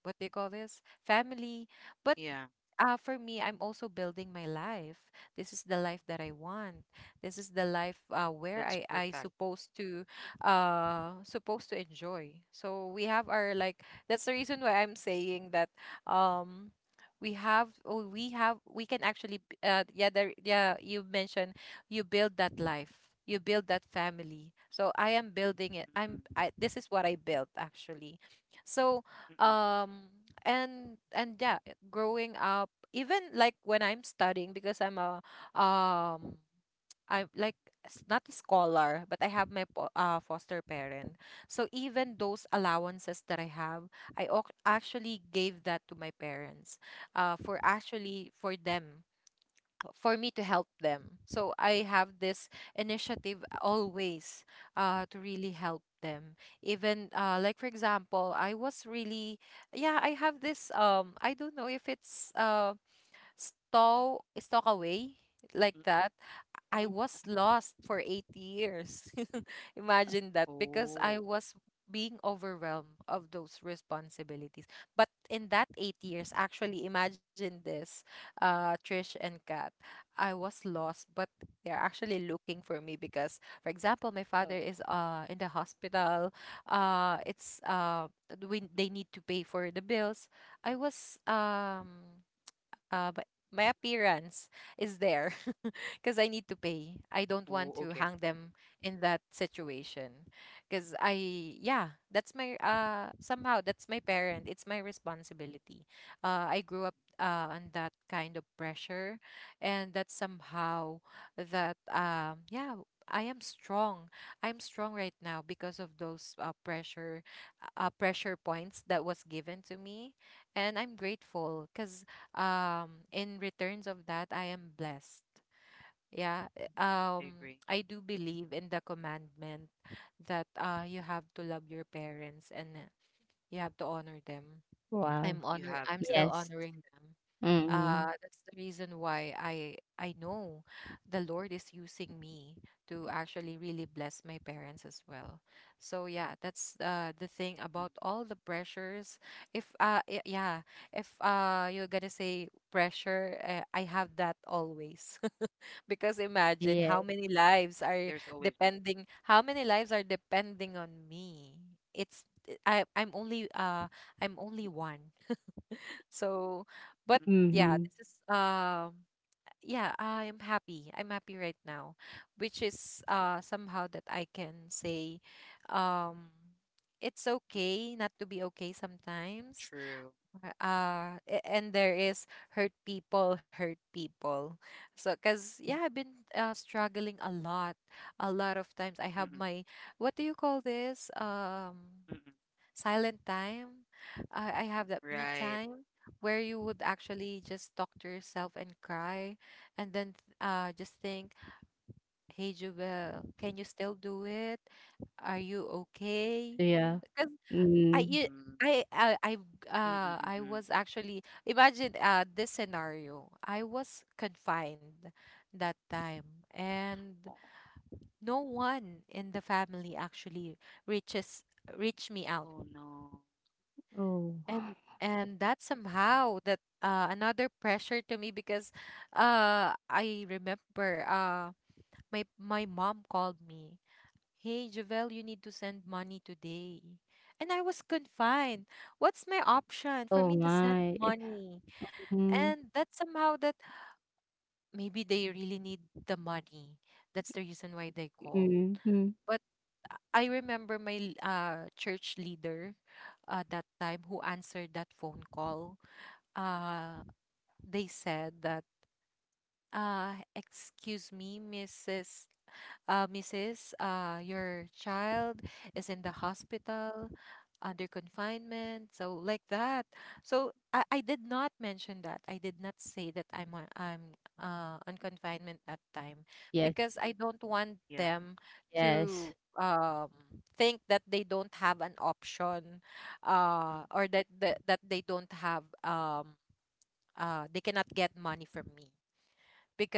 Speaker 2: what they call this family. But,
Speaker 1: Yeah,
Speaker 2: for me, I'm also building my life. This is the life that I want. This is the life,
Speaker 1: that's
Speaker 2: where I
Speaker 1: perfect.
Speaker 2: I supposed to, supposed to enjoy. So we have our like... that's the reason why I'm saying that, um we have... oh, we can actually, yeah, there, yeah, you mentioned you build that life. You build that family. So I am building it.
Speaker 1: Mm-mm,
Speaker 2: I'm I This is what I built actually. So,
Speaker 1: mm-mm,
Speaker 2: um and yeah, growing up, even like when I'm studying, because um I'm like, not a scholar, but I have my, foster parent. So even those allowances that I have, I actually gave that to my parents, for actually for them, for me to help them. So I have this initiative always, to really help them. Even, like for example, I was really... yeah, I have this, I don't know if it's,
Speaker 1: mm-mm.
Speaker 2: stow away, like that. I was lost for 8 years. *laughs* Imagine that,
Speaker 1: Oh,
Speaker 2: because I was being overwhelmed of those responsibilities. But in that 8 years, actually, imagine this, Trish and Kat, I was lost, but they're actually looking for me, because for example my
Speaker 1: oh,
Speaker 2: father is in the hospital. It's
Speaker 1: mm,
Speaker 2: They need to pay for the bills. I was um my appearance is there, *laughs* because I need to pay.
Speaker 1: oh,
Speaker 2: I
Speaker 1: okay.
Speaker 2: don't want to hang them in that situation, because yeah, that's my, somehow that's my parent. It's my responsibility. I grew up, on that kind of pressure, and that's somehow that, yeah. I am strong. I'm strong right now because of those, pressure points that was given to me, and I'm grateful because, in returns of that I am blessed. Yeah,
Speaker 1: I agree.
Speaker 2: I do believe in the commandment that, you have to love your parents, and you have to honor them.
Speaker 3: Wow.
Speaker 2: i'm
Speaker 1: You
Speaker 2: honor
Speaker 1: have
Speaker 2: i'm
Speaker 1: to.
Speaker 2: still
Speaker 3: Yes.
Speaker 2: honoring them.
Speaker 3: Mm-hmm.
Speaker 2: That's the reason why I know the Lord is using me to actually really bless my parents as well. So yeah, that's, the thing
Speaker 1: Mm.
Speaker 2: about all the pressures. If y- yeah, If, you're gonna say pressure, I have that always. *laughs* Because
Speaker 1: There's
Speaker 2: imagine
Speaker 3: Yes.
Speaker 1: always been.
Speaker 2: how many lives are depending on me. It's I I'm only uh I'm only one. So, but
Speaker 1: Mm-mm,
Speaker 2: yeah,
Speaker 3: Mm-hmm.
Speaker 2: this is, yeah, I am happy. I'm happy right now, which is, somehow that I can say, um it's okay not to be okay sometimes.
Speaker 1: true.
Speaker 2: And there is: hurt people, hurt people. So cuz yeah, I've been, struggling a lot. A lot of
Speaker 1: Mm-mm,
Speaker 2: times I have my... what do you call this?
Speaker 1: mm-mm.
Speaker 2: Silent time. I have that me
Speaker 1: Right.
Speaker 2: time where you would actually just talk to yourself and cry, and then, just think, "Hey, Jubel, can you still do it? Are you okay?"
Speaker 3: Yeah.
Speaker 2: Because I
Speaker 3: Mm-hmm.
Speaker 2: you.
Speaker 1: Mm-mm,
Speaker 2: I I I
Speaker 1: mm-mm,
Speaker 2: I
Speaker 1: mm-mm.
Speaker 2: was actually... imagine, this scenario. I was confined that
Speaker 1: Oh,
Speaker 2: time, and no one in the family actually reaches reached me
Speaker 1: oh
Speaker 2: out.
Speaker 1: no.
Speaker 3: Oh.
Speaker 2: And that somehow that, another pressure to me, because, I remember, my mom called me, "Hey Javel, you need to send money today." And I was confined. What's my option for
Speaker 3: Oh
Speaker 2: me to send
Speaker 3: my.
Speaker 2: money?
Speaker 3: Mm-hmm.
Speaker 2: And that somehow that maybe they really need the money, that's the reason why they called.
Speaker 3: Mm-hmm.
Speaker 2: But I remember my, church leader at that time who answered that phone call. Uh they said that, "Excuse me, Mrs., Mrs., your child is in the hospital under
Speaker 1: Mm,
Speaker 2: confinement." So like that. So I did not mention that, I did not say that I'm on confinement that time,
Speaker 3: Yes.
Speaker 2: because I
Speaker 1: yeah.
Speaker 2: don't want them
Speaker 3: Yes.
Speaker 2: to, think that they don't have an option, or that they don't have, they cannot get money from me,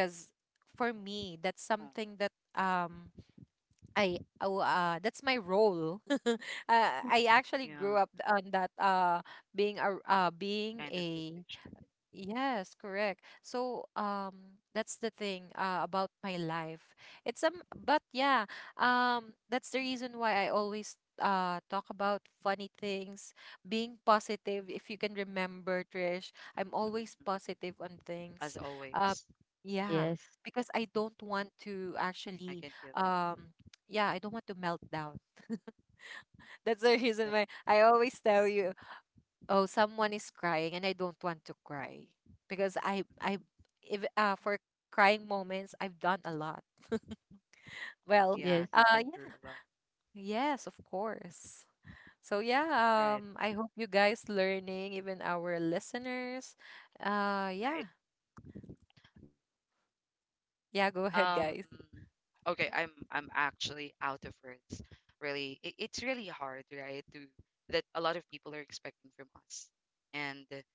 Speaker 1: Mm,
Speaker 2: for me that's something that, that's my role. *laughs* I actually
Speaker 1: yeah,
Speaker 2: grew up on that, being a being
Speaker 1: kind of
Speaker 2: a
Speaker 1: situation.
Speaker 2: Yes, correct. So, that's the thing, about my life. It's But yeah, that's the reason why I always, talk about funny things, being positive. If you can remember, Trish, I'm always
Speaker 1: Mm-mm.
Speaker 2: positive on
Speaker 1: As
Speaker 2: things. Uh,
Speaker 1: always,
Speaker 2: yeah,
Speaker 3: Yes.
Speaker 2: because I
Speaker 1: I
Speaker 2: don't
Speaker 1: can feel
Speaker 2: want
Speaker 1: that,
Speaker 2: to actually, um. Yeah, I don't want to melt down. *laughs* That's the reason why
Speaker 1: definitely.
Speaker 2: I always tell you, "Oh, someone is crying and I don't want to cry." Because, I if, for crying moments, I've done a lot. *laughs*
Speaker 1: Yeah,
Speaker 2: Well,
Speaker 1: you've
Speaker 3: Yes.
Speaker 1: been through a lot.
Speaker 2: yeah, yes of course. So yeah,
Speaker 1: Right,
Speaker 2: I hope you guys learning, even our listeners.
Speaker 1: right.
Speaker 2: Yeah.
Speaker 1: Um,
Speaker 2: Yeah,
Speaker 1: okay,
Speaker 2: go
Speaker 1: I'm
Speaker 2: ahead,
Speaker 1: I'm
Speaker 2: guys.
Speaker 1: actually out of words. Really, it's really hard, right? To that a lot of people are expecting from us, and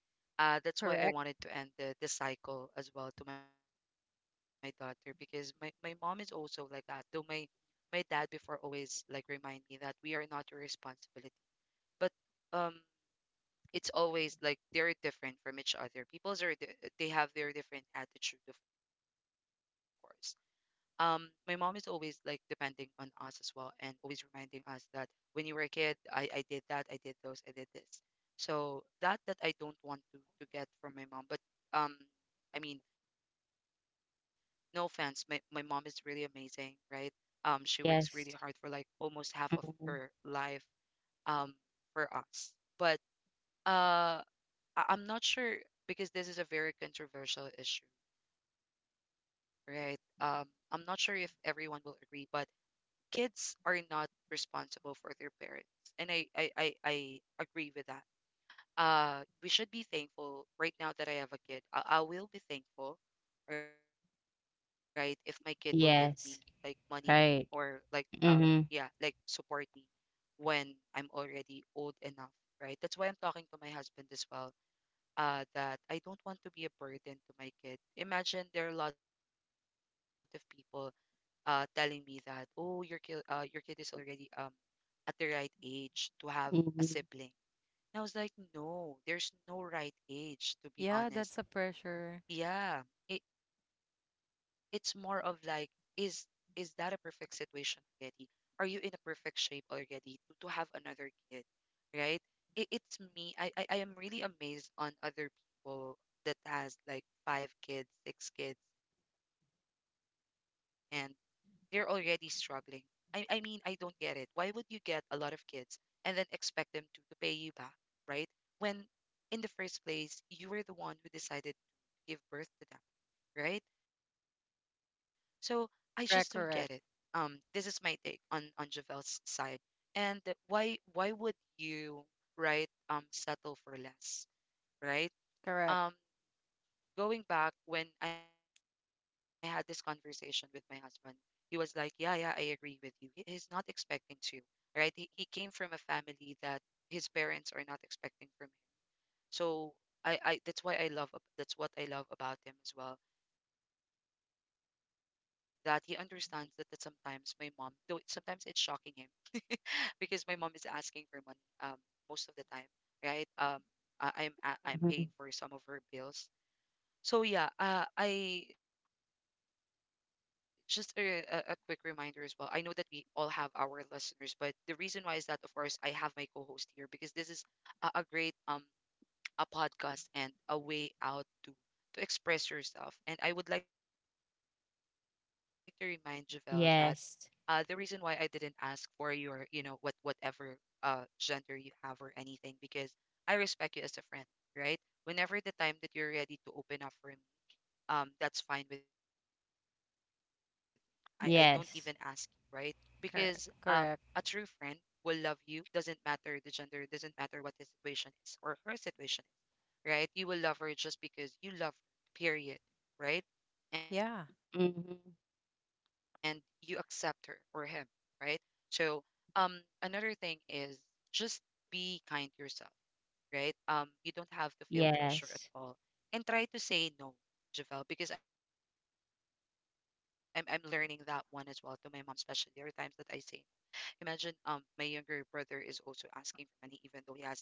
Speaker 1: that's why I wanted
Speaker 2: Correct.
Speaker 1: to end the cycle as well to my daughter because my mom is also like that. Though my dad before always like remind me that we are not your responsibility, but um it's always like they're different from each other. People's are they have their different attitude, of course. My mom is always like depending on us as well and always reminding us that when you were a kid, I did that, I did those, I did this. So that that I don't want to get from my mom, but um I mean, no offense, my mom is really amazing, right? Um, she works really hard for like
Speaker 3: Yes.
Speaker 1: almost half of her
Speaker 3: Mhm.
Speaker 1: life, um, for us. But uh, I'm not sure because this is a very controversial issue, right? I'm not sure if everyone will agree, but kids are not responsible for their parents, and I agree with that. Uh, we should be thankful right now that I have a kid. I will be thankful, right? If my kid will give me like money
Speaker 3: Yes,
Speaker 1: or like
Speaker 3: right.
Speaker 1: um yeah, like
Speaker 3: Mhm,
Speaker 1: support me when I'm already old enough, right? That's why I'm talking to my husband as well. That I don't want to be a burden to my kid. Imagine there are a lot of people telling me that, oh, your kid is already at the right age to have a
Speaker 3: mhm,
Speaker 1: sibling, and I was like, no, there's no right age, to be
Speaker 2: Yeah,
Speaker 1: honest.
Speaker 2: that's a pressure.
Speaker 1: Yeah, it's more of like, is is that a perfect situation already? Are you in a perfect shape already to have another kid, right? It's me. I am really amazed on other people that has like five kids, six kids, and they're already struggling. I mean, I don't get it. Why would you get a lot of kids and then expect them to pay you back, right? When in the first place, you were the one who decided to give birth to them, right? So I just don't get it.
Speaker 2: Correct.
Speaker 1: This
Speaker 2: Correct.
Speaker 1: is my take on Javel's side. And why would you, right, settle for less, right?
Speaker 2: Correct.
Speaker 1: Um, Going back when I had this conversation with my husband, he was like, yeah, yeah, I agree with you. He's not expecting to, right? He came from a family that his parents are not expecting from him. So I that's why I love that's what I love about him as well. That he understands that, that sometimes my mom, though sometimes it's shocking him *laughs* because my mom is asking for money um most of the time, right? I'm paying
Speaker 3: mhm.
Speaker 1: for some of her bills, so yeah, I just a quick reminder as well. I know that we all have our listeners, but the reason why is that, of course, I have my co-host here because this is a great a podcast and a way out to express yourself. And I would like to remind Javelle that the reason why I didn't ask
Speaker 3: Yes,
Speaker 1: for your you know what whatever gender you have or anything because I respect you as a friend, right? Whenever the time that you're ready to open up for me, that's fine with me. I don't even ask you, right? Because
Speaker 3: yes.
Speaker 1: um, a true friend
Speaker 2: Correct.
Speaker 1: will
Speaker 2: Correct.
Speaker 1: love you, doesn't matter the gender, doesn't matter what his situation is or her situation is, right? You will love her just because you love her, period, right? And
Speaker 2: Yeah,
Speaker 1: you accept her
Speaker 3: Mhm.
Speaker 1: or him, right? So, um, another thing is just be kind to yourself, right? You don't have to feel pressure at
Speaker 3: Yes,
Speaker 1: all, and try to say no, Javel, because I'm learning that one as well to my mom, especially there are times that I say. Imagine my younger brother is also asking for money, even though he has like his own family.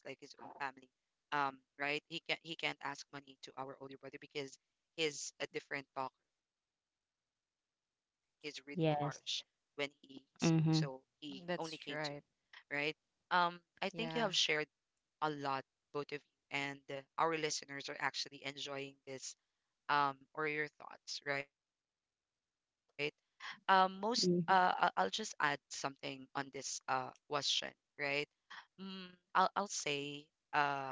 Speaker 1: Right? He can't ask money to our older brother because he's a different talker. He's really harsh when he speaks,
Speaker 3: yes.
Speaker 1: so he only came to
Speaker 3: Mhm,
Speaker 1: me,
Speaker 2: that's
Speaker 1: right?
Speaker 2: right.
Speaker 1: Um, I think you have shared
Speaker 2: Yeah.
Speaker 1: a lot, both of you, and our listeners are actually enjoying this, or your thoughts, right? Most I'll just add
Speaker 3: mhm.
Speaker 1: something on this question, right? Mm, I'll say um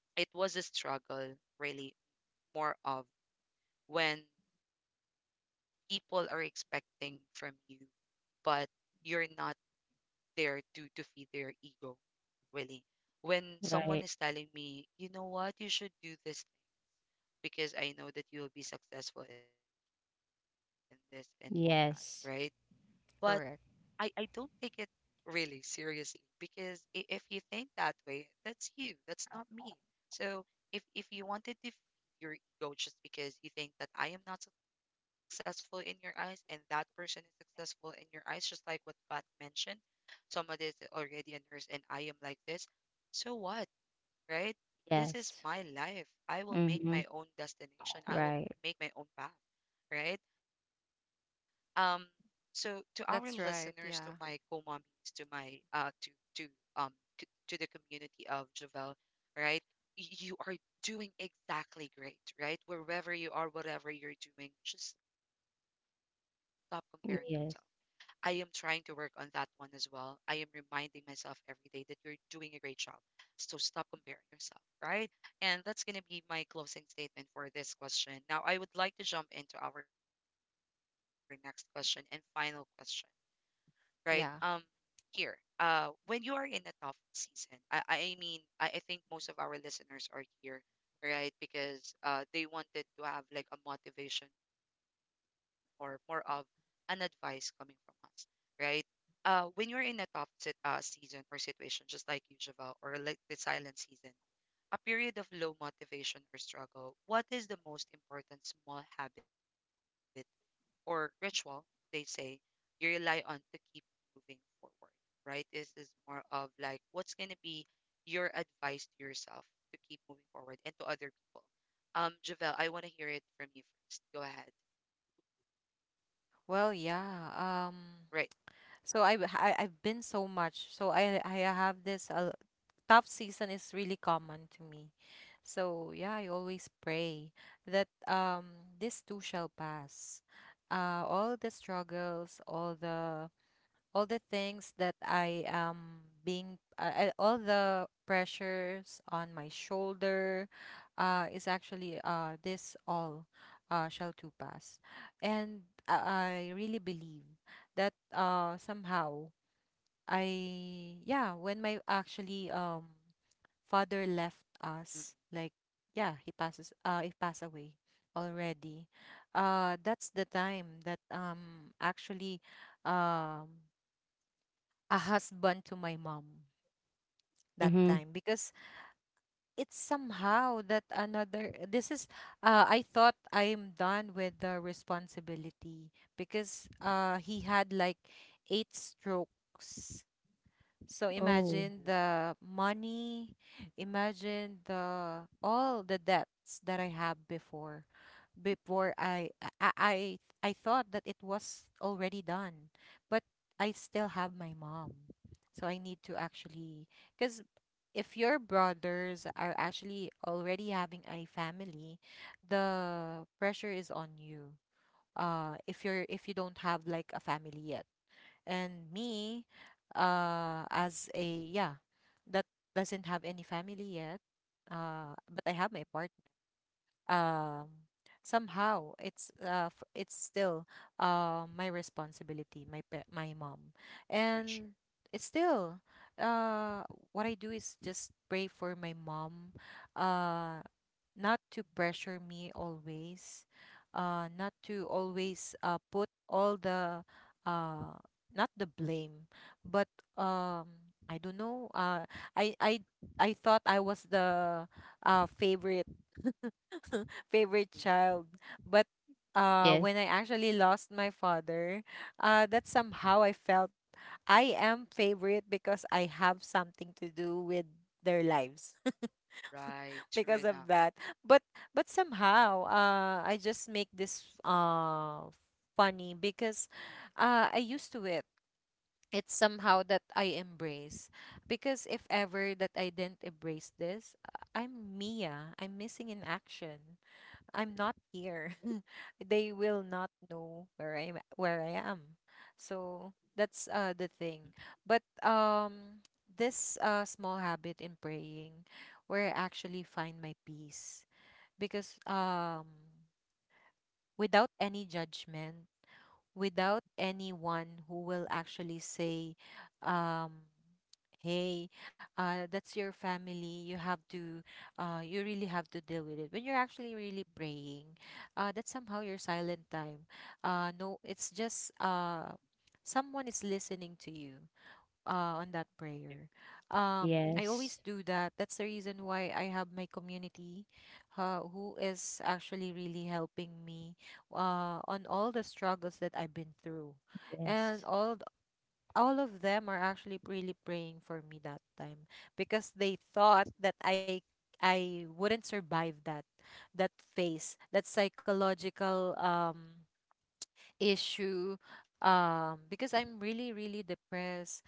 Speaker 1: it was a struggle, really, more of when people are expecting from you but you're not there to feed their ego, really. When someone is
Speaker 3: Right.
Speaker 1: telling me, you know what, you should do this because I know that you'll be successful in this and all that, right? But
Speaker 3: Yes,
Speaker 1: I don't take
Speaker 2: Correct.
Speaker 1: it really seriously because if you think that way, that's you, that's not me. So if you wanted to feed your ego just because you think that I am not successful in your eyes and that person is successful in your eyes, just like what Pat mentioned, somebody is already a nurse and I am like this, so what? Right? This is
Speaker 3: yes.
Speaker 1: my life. I will make my
Speaker 3: Mhm.
Speaker 1: own destination. I will
Speaker 3: Right.
Speaker 1: make my own path, right? Um,
Speaker 2: That's
Speaker 1: so
Speaker 2: right.
Speaker 1: to our
Speaker 2: Yeah.
Speaker 1: listeners, to my co-mommies, to my to to um c- to the community of Javel, right? You are doing exactly great, right? Wherever you are, whatever you're doing, just stop comparing yourself.
Speaker 3: Yes.
Speaker 1: I am trying to work on that one as well. I am reminding myself every day that you're doing a great job, so stop comparing yourself, right? And that's going to be my closing statement for this question. Now, I would like to jump into our next question and final question, right?
Speaker 2: Yeah.
Speaker 1: Here, when you are in a tough season, I mean, I think most of our listeners are here, right? Because they wanted to have like a motivation or more of an advice coming from us, right? When you're in a tough season or situation, just like you, Javel, or like the silent season, a period of low motivation or struggle, what is the most important small habit or ritual, they say, you rely on to keep moving forward, right? This is more of like what's going to be your advice to yourself, to keep moving forward and to other people. Javel, I want to hear it from you first. Go ahead.
Speaker 2: Well,
Speaker 1: Right.
Speaker 2: yeah. So I've been so much. So I have this, tough season is really common to me. So yeah, I always pray that, this too shall pass. All the struggles, all the things that I am being, all the pressures on my shoulder, is actually, this all, shall to pass. And I really believe that, somehow yeah, when my actually, father left
Speaker 1: Mm,
Speaker 2: us, like, yeah, he passed away already. That's the time that, actually, um a husband to my mom that
Speaker 3: Mhm.
Speaker 2: time, because it's somehow that another, this is I thought I'm done with the responsibility, because, he had like 8 strokes, so
Speaker 1: mm.
Speaker 3: Oh,
Speaker 2: imagine the money, imagine the, all the debts that I have before. Before I I, I thought that it was already done, but I still have my mom. So I need to actually, because if your brothers are actually already having a family, the pressure is on you. If you don't have like a family yet, and me, as a, yeah, that doesn't have any family yet, but I have my partner. um Somehow it's still, my responsibility. My mom.
Speaker 1: For sure.
Speaker 2: And it's still, uh what I do is just pray for my mom, uh not to pressure me always, not to always, put all the, uh not the blame. But, um I don't know, i i I thought I was the, favorite. *laughs* *laughs* Favorite
Speaker 1: Mm.
Speaker 2: child. But,
Speaker 3: yes,
Speaker 2: when I actually lost my father, that's somehow I felt I am favorite because I have something to do with their lives.
Speaker 1: Right.
Speaker 2: *laughs*
Speaker 1: True
Speaker 2: Because
Speaker 1: enough.
Speaker 2: of that. But but somehow, I just make this, funny because, I used to it. It's somehow that I embrace, because if ever that I didn't embrace this, I'm Mia. I'm missing in action. I'm
Speaker 1: True.
Speaker 2: not here. *laughs* They will not know where I am. So that's, the thing. But, this, small habit in praying where I actually find my peace, because, without any judgment, without anyone who will actually say, um, "Hey, that's your family. You really have to deal with it." When you're actually really praying, that's somehow your silent time. No, it's just, someone is listening to you, on
Speaker 1: Mm.
Speaker 2: that prayer. I
Speaker 3: yes,
Speaker 2: always do that. That's the reason why I have my community, who is actually really helping me, on all the struggles that I've been through, and
Speaker 3: yes.
Speaker 2: all th- all of them are actually really praying for me that time because they thought that I wouldn't survive that phase, that psychological, issue, because I'm really really depressed,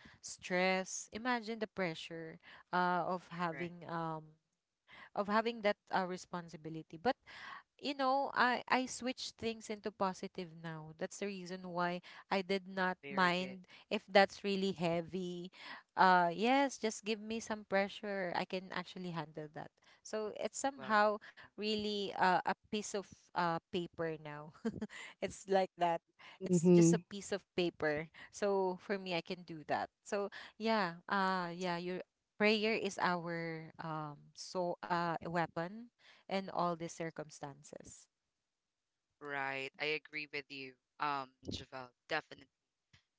Speaker 1: Oh, very, mm, mm,
Speaker 2: stressed. Imagine the pressure, of
Speaker 1: right.
Speaker 2: having, of having that, responsibility. But you know, I switch things into positive now. That's the reason why
Speaker 1: Very good.
Speaker 2: I did not mind if that's really heavy. Yes, just give me some pressure. I can actually handle that. So it's
Speaker 1: Well done.
Speaker 2: somehow really, a piece of, paper now. *laughs* It's like that. It's just a
Speaker 3: Mhm.
Speaker 2: piece of paper. So for me I can do that. So yeah, yeah, you Prayer is our, weapon in all the circumstances.
Speaker 1: Awesome. Right. I agree with you, Javel. Definitely.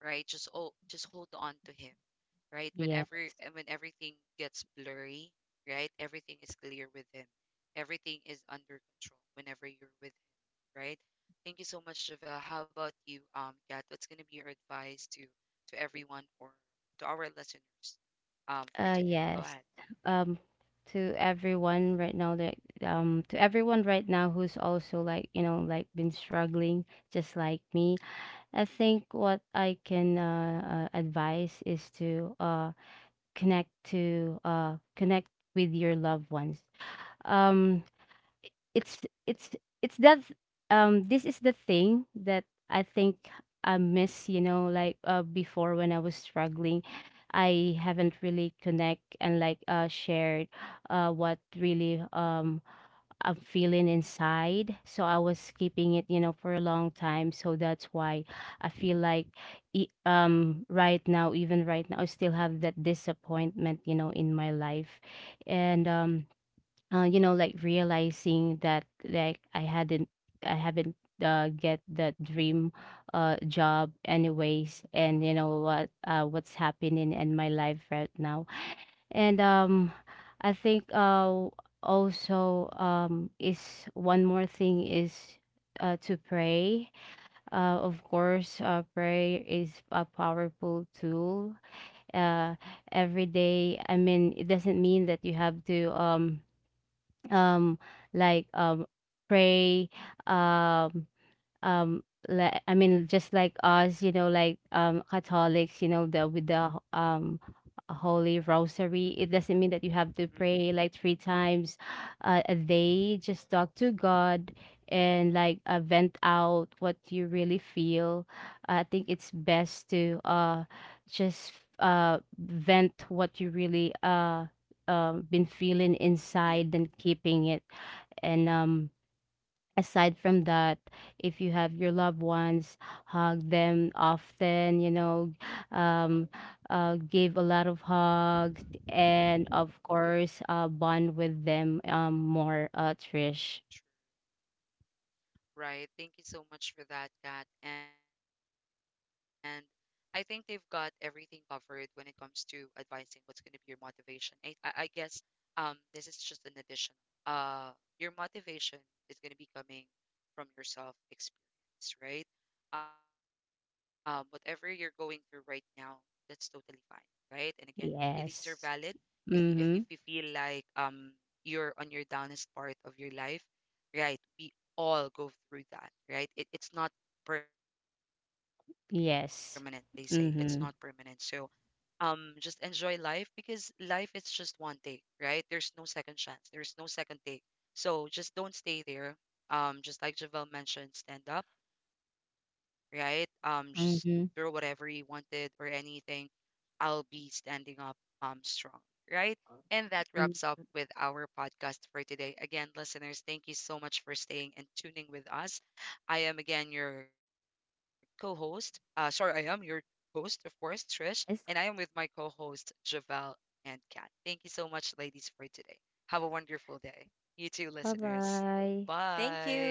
Speaker 1: Right. Just oh, just hold on to him. Right.
Speaker 3: Yes.
Speaker 1: Whenever and when everything gets blurry, right? Everything is clear with him. Everything is under control whenever you're with him, right? Thank you so much, Javel. How about you, Kat? What's gonna be your advice to everyone or to our listeners, for today? Go ahead.
Speaker 3: Yes. Um, to everyone right now that, to everyone right now who's also like, you know, like been struggling just like me, I think what I can, advise is to, connect with your loved ones. Um, it's it's it's that, this is the thing that I think I miss, you know, like, before when I was struggling, I haven't really connect and like, shared what really, I'm feeling inside. So I was keeping it, you know, for a long time. So that's why I feel like, right now, even right now, I still have that disappointment, you know, in my life. And you know, like realizing that like, I haven't, get that dream, job anyways, and you know what, what's happening in my life right now, and I think, also, is one more thing is. To pray, of course, prayer is a powerful tool, uh, every day. I mean, it doesn't mean that you have to, um like um pray, um um like, I mean, just like us, you know, like, Catholics, you know, the with the, holy rosary.
Speaker 1: Mm,
Speaker 3: It
Speaker 1: mm,
Speaker 3: doesn't mean that you
Speaker 1: mm.
Speaker 3: have to pray like 3 times a day. Just talk to God, and like, vent out what you really feel. I think it's best to, just vent what you really, been
Speaker 1: Yeah,
Speaker 3: feeling inside than keeping it. And aside from that, if you have your loved ones, hug them often, you know, um, give a lot of hugs. And of course, bond with them, more,
Speaker 1: true.
Speaker 3: Trish.
Speaker 1: Right. Thank you so much for that, Kat. And I think they've got everything covered when it comes to advising what's going to be your motivation. I guess. This is just an additional. Uh, your motivation is going to be coming from your self experience, right? Whatever you're going through right now, that's totally fine, right? And again, your feelings are valid. If
Speaker 3: Yes.
Speaker 1: if if you feel
Speaker 3: Mm-hmm.
Speaker 1: like you're on your downest part of your life, right? We all go through that, right? It's not permanent. They say it's not permanent. So
Speaker 3: Yes. Mm-hmm.
Speaker 1: just enjoy life because life is just one take, right? There's no second chance, there's no second take, so just don't stay there. Just like Javel mentioned, stand up, right? Just throw whatever you
Speaker 3: Mm-hmm.
Speaker 1: wanted or anything. I'll be standing up, strong, right? And that wraps up with our podcast for today. Again, listeners, thank you so much for staying and tuning with us. I am again your co-host. Sorry, I am your host, of course, Trish, and I am with my
Speaker 3: Yes.
Speaker 1: co-host Javel and Kat. Thank you so much, ladies, for today. Have a wonderful day. You too, listeners.
Speaker 2: Thank you.
Speaker 3: Bye-bye.
Speaker 1: Bye.